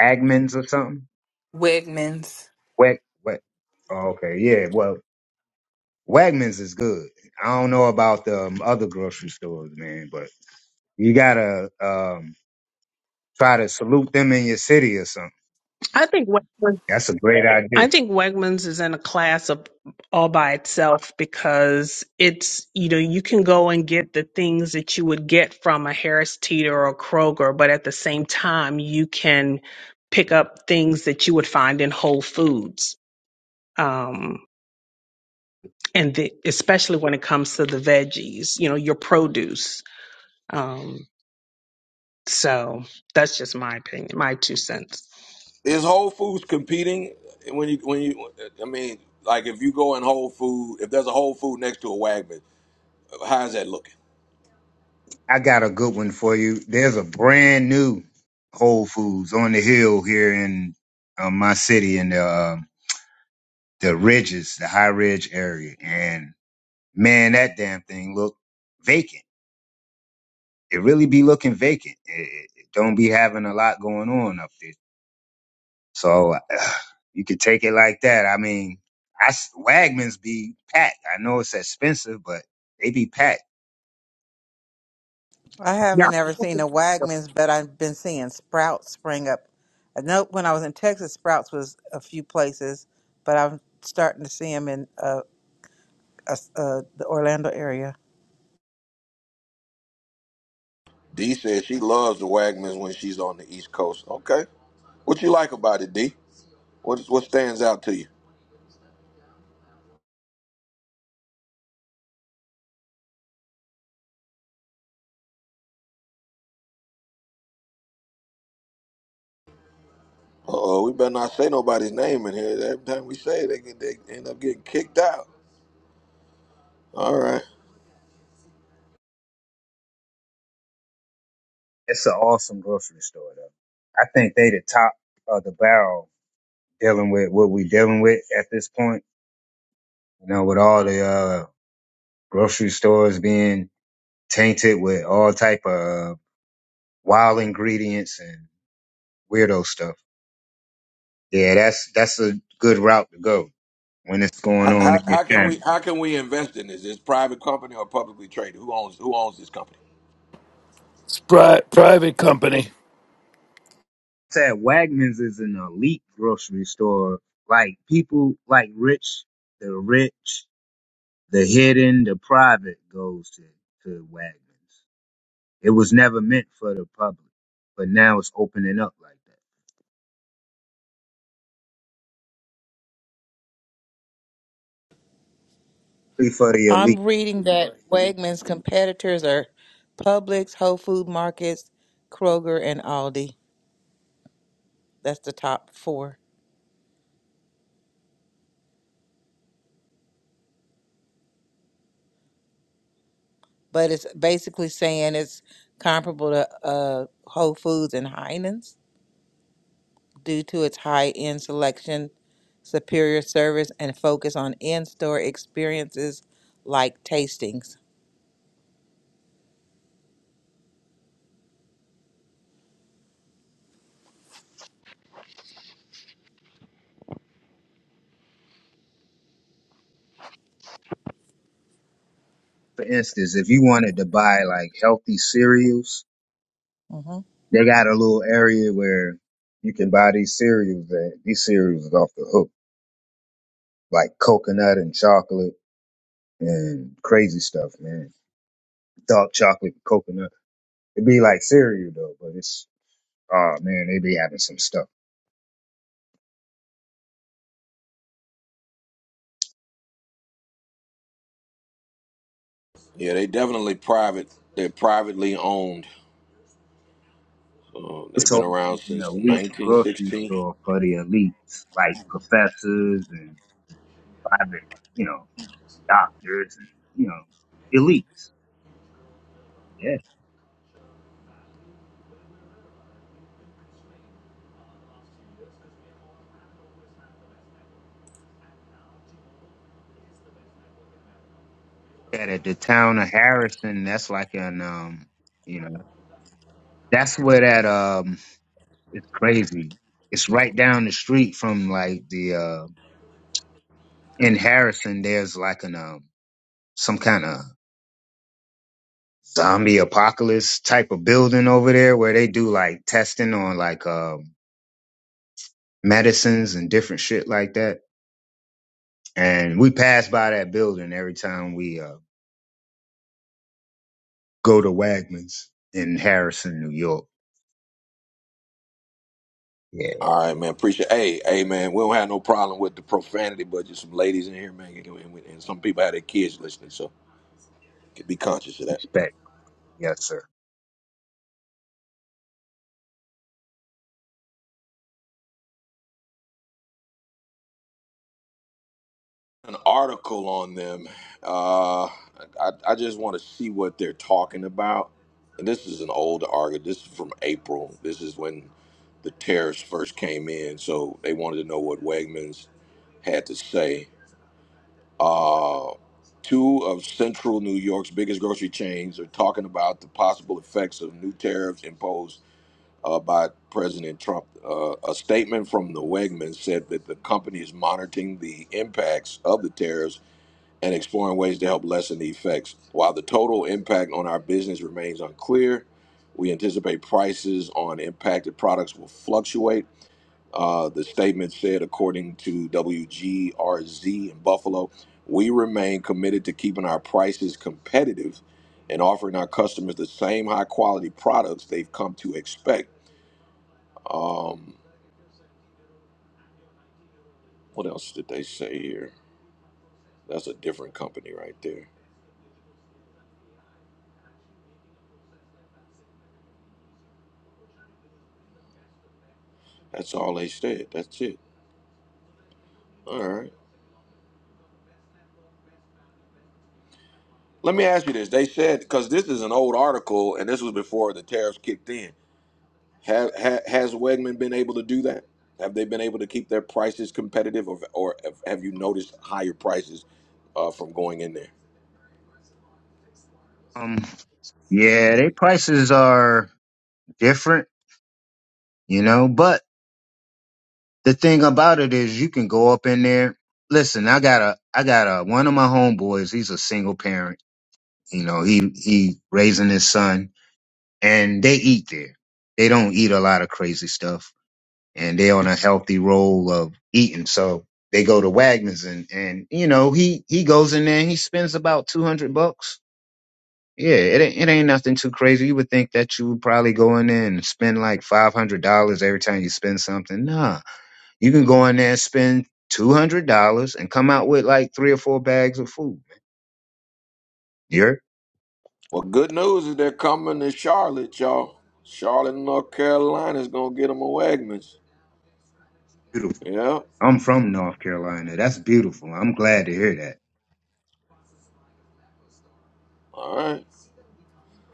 Agman's or something? Wegmans. Wag, wag. Oh, okay, yeah. Well, Wagman's is good. I don't know about the um, other grocery stores, man, but. You gotta um, try to salute them in your city or something. I think West That's a great idea. I think Wegmans is in a class of all by itself because it's, you know, you can go and get the things that you would get from a Harris Teeter or Kroger, but at the same time, you can pick up things that you would find in Whole Foods. Um, and the, especially when it comes to the veggies, you know, your produce. Um, So that's just my opinion, my two cents. Is Whole Foods competing when you when you? I mean, like if you go in Whole Food, if there's a Whole Food next to a Wegmans, how's that looking? I got a good one for you. There's a brand new Whole Foods on the hill here in uh, my city in the uh, the ridges, the high ridge area, and man, that damn thing look vacant. It really be looking vacant. It, it it don't be having a lot going on up there So uh, you could take it like that. I mean, I s- Wegmans be packed. I know it's expensive, but they be packed. I Yeah. haven't ever seen a Wagman's, but I've been seeing Sprouts spring up. I know when I was in Texas, Sprouts was a few places, but I'm starting to see them in uh, uh, uh, the Orlando area. D says she loves the Wegmans when she's on the East Coast. Okay, what you like about it, D? What what stands out to you? Uh oh, we better not say nobody's name in here. Every time we say it, they get they end up getting kicked out. All right. It's an awesome grocery store, though. I think they the top of the barrel dealing with what we dealing with at this point. You know, with all the uh, grocery stores being tainted with all type of uh, wild ingredients and weirdo stuff. Yeah, that's that's a good route to go when it's going How, on in how, your how can channel. we how can we invest in this? Is it private company or publicly traded? Who owns who owns this company? It's pri- private company. Said Wegmans is an elite grocery store. Like people, like rich, the rich, the hidden, the private goes to to Wegmans. It was never meant for the public, but now it's opening up like that for the I'm elite. reading that Wegmans competitors are Publix, Whole Food Markets, Kroger, and Aldi. That's the top four. But it's basically saying it's comparable to uh, Whole Foods and Heinen's due to its high end selection, superior service, and focus on in store experiences like tastings. For instance, if you wanted to buy like healthy cereals, hmm they got a little area where you can buy these cereals. That these cereals is off the hook, like coconut and chocolate and crazy stuff, man. Dark chocolate, coconut. It be like cereal though, but it's oh man, they be having some stuff. Yeah, they definitely private. They're privately owned. Um, they've So been around an since elite grocery 1916. store for the elites, like professors and private, you know, doctors and you know, elites. Yeah. At at the town of Harrison, that's like an um, you know, that's where that um, it's crazy. It's right down the street from like the uh in Harrison. There's like an um, some kind of zombie apocalypse type of building over there where they do like testing on like um medicines and different shit like that. And we pass by that building every time we uh, go to Wagman's in Harrison, New York. Yeah, All right, man. Appreciate. Hey, hey, man. We don't have no problem with the profanity, but just some ladies in here, man, and, and we- and some people have their kids listening, so be conscious of that. respect. Yes, sir. An article on them. Uh, I, I just want to see what they're talking about. And this is an old article. This is from April. This is when the tariffs first came in, so they wanted to know what Wegmans had to say Uh, two of central New York's biggest grocery chains are talking about the possible effects of new tariffs imposed uh, by President Trump. Uh, a statement from the Wegmans said that the company is monitoring the impacts of the tariffs and exploring ways to help lessen the effects. While the total impact on our business remains unclear, we anticipate prices on impacted products will fluctuate uh, the statement said, according to WGRZ in Buffalo, we remain committed to keeping our prices competitive and offering our customers the same high quality products they've come to expect. Um, what else did they say here? That's a different company right there. That's all they said. That's it. All right. Let me ask you this. They said, because this is an old article and this was before the tariffs kicked in. Have, ha, has Wegman been able to do that? Have they been able to keep their prices competitive, or, or have you noticed higher prices uh, from going in there? Um, yeah, their prices are different, you know, but the thing about it is you can go up in there. Listen, I got a, I got a, one of my homeboys, he's a single parent, you know, he, he raising his son and they eat there. They don't eat a lot of crazy stuff, and they're on a healthy roll of eating. So they go to Wagner's, and and you know he he goes in there and he spends about two hundred bucks. Yeah, it ain't, it ain't nothing too crazy. You would think that you would probably go in there and spend like five hundred dollars every time you spend something. Nah, you can go in there and spend two hundred dollars and come out with like three or four bags of food. You're Well, good news is they're coming to Charlotte, y'all. Charlotte, North Carolina is gonna get them a Wegmans. beautiful. Yeah. I'm from North Carolina. That's beautiful. I'm glad to hear that. All right.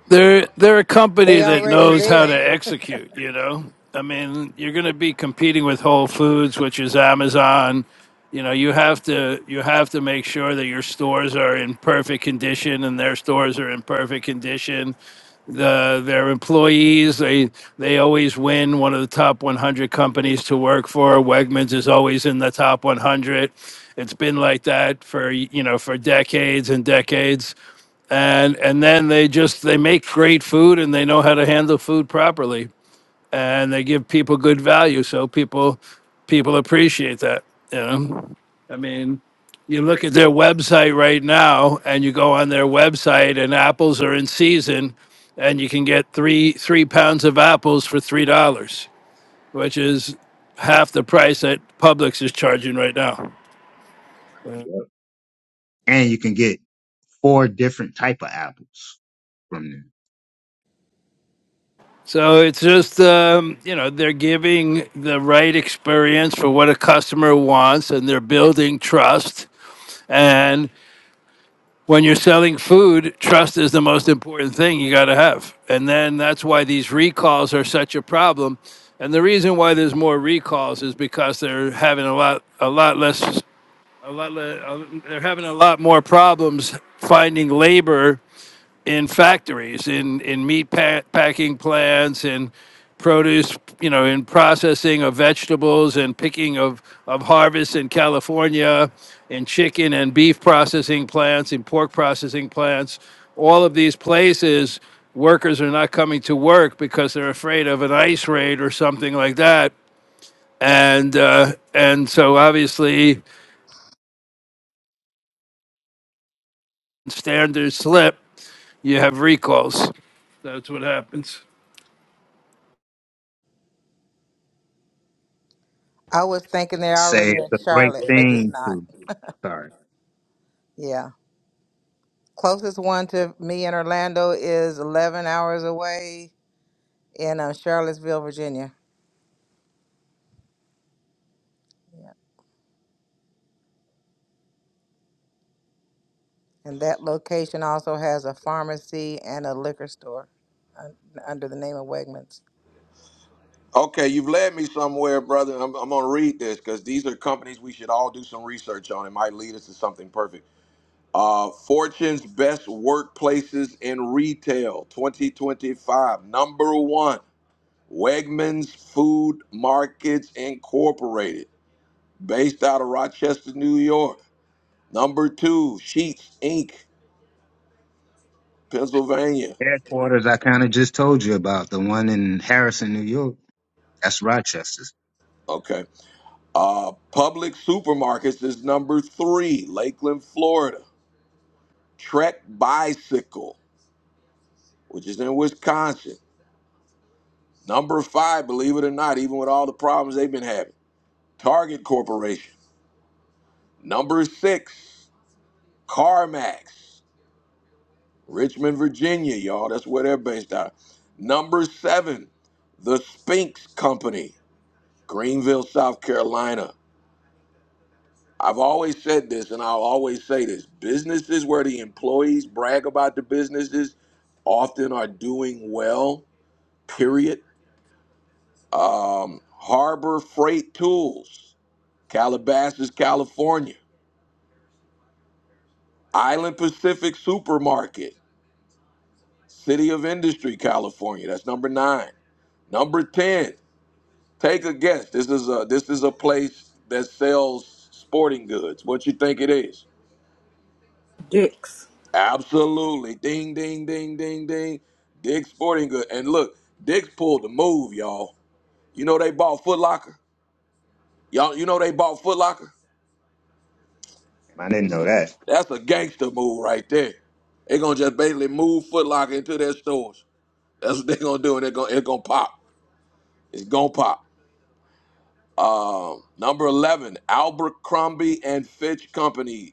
They're they're a company They that already knows how to there. execute, you know. I mean, you're going to be competing with Whole Foods, which is Amazon. You know, you have to you have to make sure that your stores are in perfect condition and their stores are in perfect condition the their employees. They they always win one of the top 100 companies to work for. Wegmans is always in the top 100. It's been like that for you know for decades and decades. And and then they just they make great food and they know how to handle food properly and they give people good value. So people people appreciate that. You know, I mean, you look at their website right now, and you go on their website, and apples are in season, and you can get three three pounds of apples for three dollars, which is half the price that Publix is charging right now. Yep. And you can get four different type of apples from them. So it's just um, you know they're giving the right experience for what a customer wants, and they're building trust. and. when you're selling food, trust is the most important thing you got to have. And then that's why these recalls are such a problem. And the reason why there's more recalls is because they're having a lot, a lot less, a lot, le- a- they're having a lot more problems finding labor in factories, in in meat pa- packing plants, in produce, you know, in processing of vegetables and picking of of harvests in California, in chicken and beef processing plants, in pork processing plants. All of these places, workers are not coming to work because they're afraid of an ICE raid or something like that. And uh, and so obviously standards slip, you have recalls. That's what happens. I was thinking they're Say already it's in a great Charlotte, but it's thing not. to sorry. Yeah. Closest one to me in Orlando is 11 hours away in um, Charlottesville, Virginia. Yeah. And that location also has a pharmacy and a liquor store un- under the name of Wegmans. Okay, you've led me somewhere, brother. I'm, I'm gonna read this because these are companies we should all do some research on. It might lead us to something perfect. Uh, Fortune's best workplaces in retail, 2025, number one. Wegmans Food Markets Incorporated, based out of Rochester, New York. Number two, Sheetz Inc., Pennsylvania. Headquarters I kinda just told you about, the one in Harrison, New York. That's Rochester's. Okay. Uh, Public Supermarkets is number three, Lakeland, Florida. Trek Bicycle, which is in Wisconsin. Number five, believe it or not, even with all the problems they've been having, Target Corporation. Number six, CarMax. Richmond, Virginia, y'all. That's where they're based out. of. Number seven, the Spinks Company, Greenville, South Carolina. I've always said this, and I'll always say this businesses where the employees brag about the businesses often are doing well, period. Um, Harbor Freight Tools, Calabasas, California. Island Pacific Supermarket, City of Industry, California. That's number nine. Number 10, Take a guess. This is a this is a place that sells sporting goods. What you think it is? Dicks, Absolutely. Ding ding ding ding ding. Dick's sporting Goods. And look, Dick's pulled the move, y'all. You know they bought Foot Locker. Y'all you know they bought Foot Locker? I didn't know that. That's a gangster move right there. They're gonna just basically move Foot Locker into their stores. That's what they're gonna do, and they're gonna it's gonna pop. It's gonna pop. Um, number eleven, Abercrombie and Fitch Company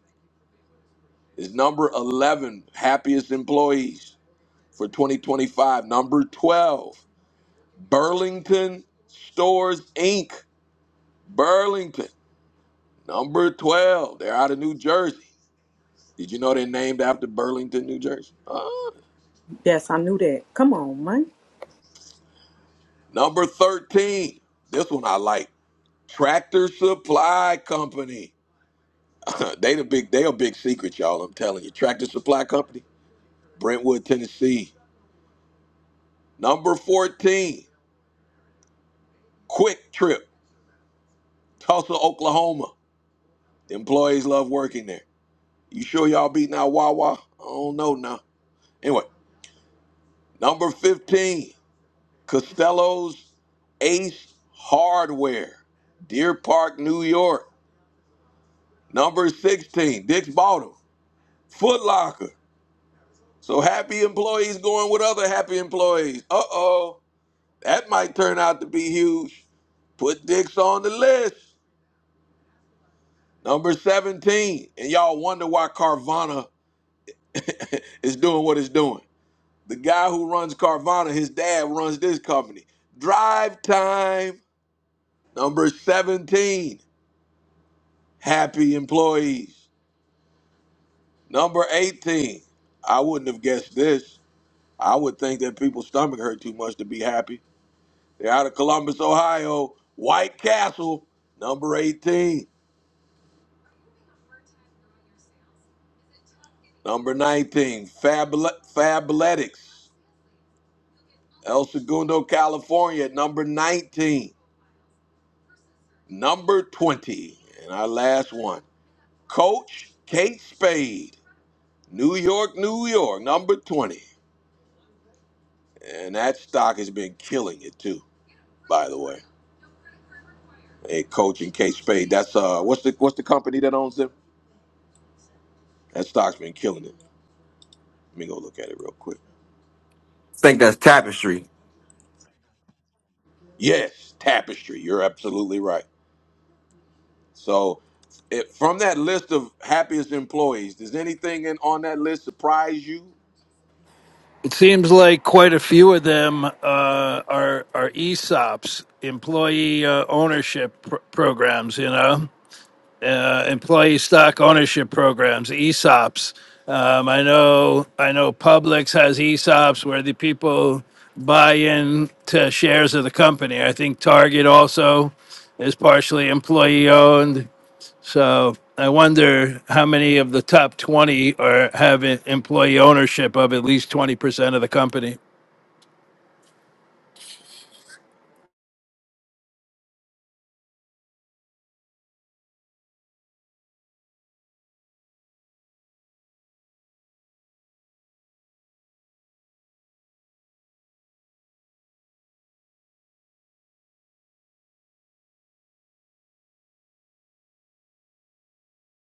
is number 11 happiest employees for 2025 number 12 burlington stores inc burlington number 12 they're out of new jersey did you know they're named after burlington new jersey Ah. yes, I knew that. Come on, man. number 13 this one i like tractor supply company they the big they a big secret y'all i'm telling you tractor supply company brentwood tennessee number 14 quick trip tulsa oklahoma The employees love working there. You sure y'all beating out Wawa? I don't know now. Anyway, number 15, Costello's Ace Hardware, Deer Park, New York. Number 16, Dick's Bottom, Foot Locker. So happy employees going with other happy employees. Uh oh, that might turn out to be huge. Put Dick's on the list. Number 17, and y'all wonder why Carvana is doing what it's doing. The guy who runs Carvana, his dad runs this company. Drive time. Number 17, happy employees. Number 18, I wouldn't have guessed this. I would think that people's stomach hurt too much to be happy. They're out of Columbus, Ohio, White Castle. Number 18. Number 19, Fabula- Fabletics. El Segundo, California, number 19. Number 20, and our last one. Coach Kate Spade, New York, New York, number 20. And that stock has been killing it too, by the way. Hey, Coach and Kate Spade, that's uh what's the what's the company that owns them? That stock's been killing it. Let me go look at it real quick. think that's tapestry. Yes, Tapestry. You're absolutely right. So it, from that list of happiest employees, does anything in, on that list surprise you? It seems like quite a few of them uh, are are ESOPs, employee uh, ownership pr- programs. You know, uh, employee stock ownership programs, ESOPs. Um, I know I know Publix has ESOPs where the people buy in to shares of the company. I think Target also is partially employee owned. So I wonder how many of the top 20 are have e- employee ownership of at least 20% of the company.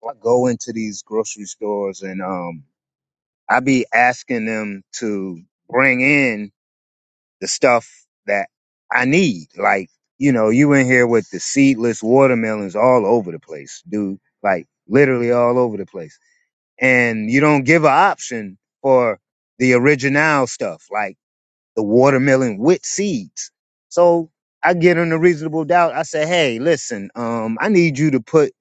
I go into these grocery stores and um I be asking them to bring in the stuff that I need. Like, you know, you in here with the seedless watermelons all over the place, dude. Like literally all over the place and you don't give an option for the original stuff like the watermelon with seeds. So I get in a reasonable doubt. I say, hey, listen, um, I need you to put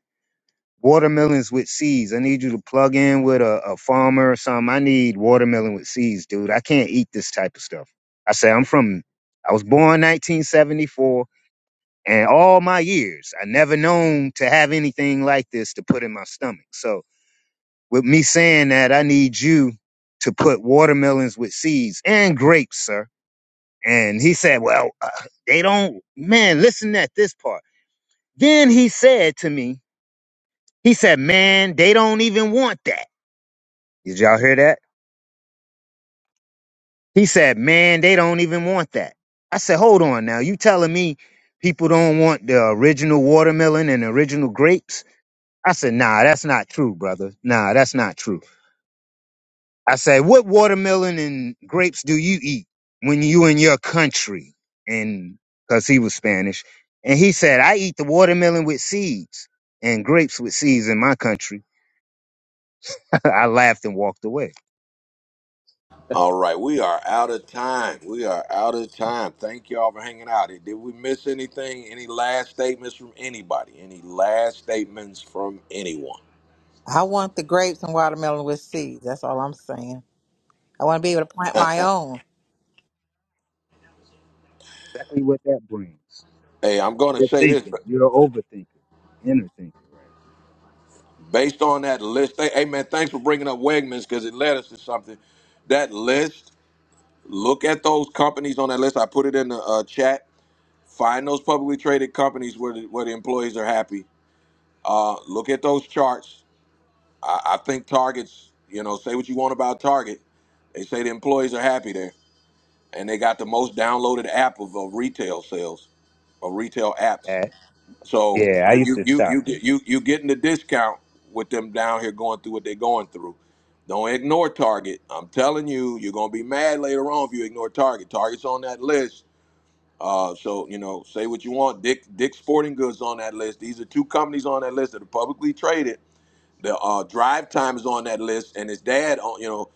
watermelons with seeds. I need you to plug in with a, a farmer or something. I need watermelon with seeds, dude. I can't eat this type of stuff. I say, I'm from, I was born 1974 and all my years, I never known to have anything like this to put in my stomach. So, with me saying that, I need you to put watermelons with seeds and grapes, sir. And he said, well, uh, they don't, man, listen at this part. Then he said to me, he said, man, they don't even want that. Did y'all hear that? He said, man, they don't even want that. I said, hold on now. You telling me people don't want the original watermelon and original grapes? I said, nah, that's not true, brother. Nah, that's not true. I said, what watermelon and grapes do you eat when you in your country? And cause he was Spanish. And he said, I eat the watermelon with seeds and grapes with seeds in my country. I laughed and walked away. All right, we are out of time. We are out of time. Thank y'all for hanging out. Did we miss anything? Any last statements from anybody? Any last statements from anyone? I want the grapes and watermelon with seeds. That's all I'm saying. I want to be able to plant my own. Exactly what that brings. Hey, I'm going to You're say this, thinking. but You're an overthinker. Inner thinker, right? based on that list, hey hey, man, thanks for bringing up Wegmans because it led us to something. That list, look at those companies on that list. I put it in the uh, chat. Find those publicly traded companies where the, where the employees are happy. Uh, look at those charts I, I think Targets, you know, say what you want about Target. They say the employees are happy there, and they got the most downloaded app of, of retail sales, of retail apps. there. That, So yeah, I you used you to you shop you there. get you you getting the discount with them down here going through what they're going through. Don't ignore Target. I'm telling you, you're gonna be mad later on if you ignore Target. Target's on that list. Uh, so you know, say what you want. Dick Dick Sporting Goods on that list. These are two companies on that list that are publicly traded the uh, drive time is on that list, and his dad, uh, you know,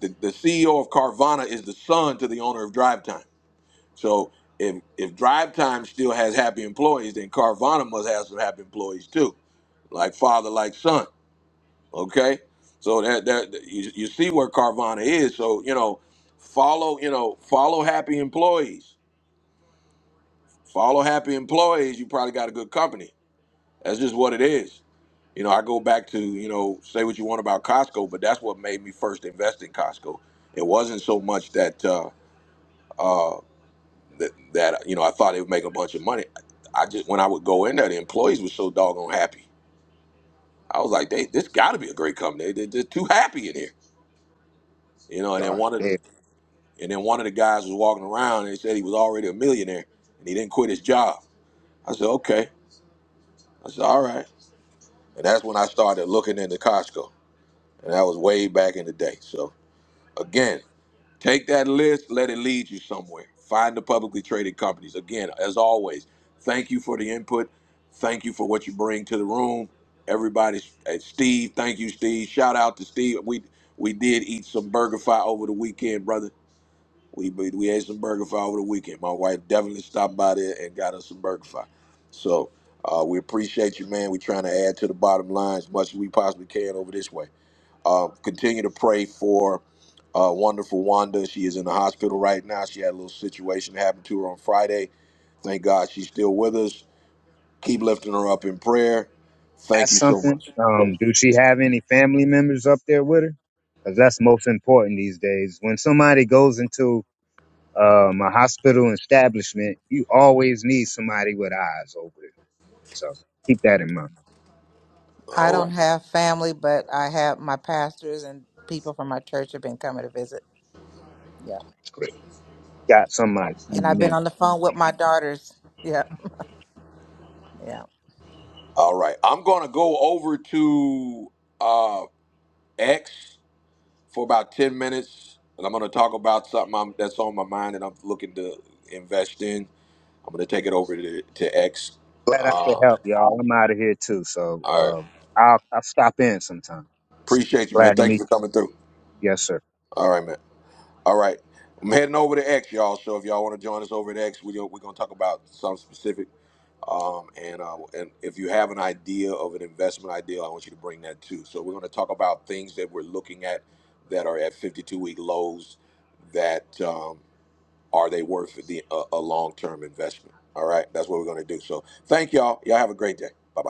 the, the CEO of Carvana is the son to the owner of Drive Time. So if if Drive Time still has happy employees, then Carvana must have some happy employees too, like father, like son. Okay, so that that you, you see where Carvana is. So you know, follow you know follow happy employees. Follow happy employees. You probably got a good company. That's just what it is. You know, I go back to, you know, say what you want about Costco, but that's what made me first invest in Costco. It wasn't so much that uh uh that, that you know, I thought it would make a bunch of money. I just when I would go in there, the employees were so doggone happy. I was like, they this gotta be a great company. They, they, are too happy in here. You know, and then Yeah. one of the, yeah. and then one of the guys was walking around and he said he was already a millionaire and he didn't quit his job. I said, Okay. I said, All right. And that's when I started looking into Costco. And that was way back in the day. So Again, take that list, let it lead you somewhere. Find the publicly traded companies. Again, as always, thank you for the input. Thank you for what you bring to the room. Everybody, eh, Steve, thank you, Steve. Shout out to Steve. We we did eat some burger fry over the weekend, brother. We we we ate some burger fry over the weekend. My wife definitely stopped by there and got us some burger fry. So uh, we appreciate you, man. We're trying to add to the bottom line as much as we possibly can over this way. Uh, continue to pray for uh, wonderful Wanda. She is in the hospital right now. She had a little situation that happened to her on Friday. Thank God she's still with us. Keep lifting her up in prayer. Thank ask you so something. much. Um, do she have any family members up there with her? Because that's most important these days. When somebody goes into um, a hospital establishment, you always need somebody with eyes over it. So keep that in mind. I All don't right. have family, but I have my pastors and people from my church have been coming to visit. Yeah. Got somebody And I've coming been in. on the phone with my daughters. Yeah. Yeah. All right. I'm going to go over to uh, X for about 10 minutes, and I'm going to talk about something I'm, that's on my mind and I'm looking to invest in. I'm going to take it over to, to X. Uh, Glad I could help y'all. I'm out of here too, so all right. um, I'll I'll stop in sometime. Appreciate you, man. Glad to Thank you meet for coming through. you. Yes, sir. All right, man. All right. I'm heading over to X, y'all. So if y'all want to join us over at X, we, we're going to talk about something specific. Um, and, uh, and if you have an idea of an investment idea, I want you to bring that too. So we're going to talk about things that we're looking at that are at 52 week lows that um, are they worth the, a, a long term investment? All right. That's what we're going to do. So thank y'all. Y'all have a great day. Bye bye.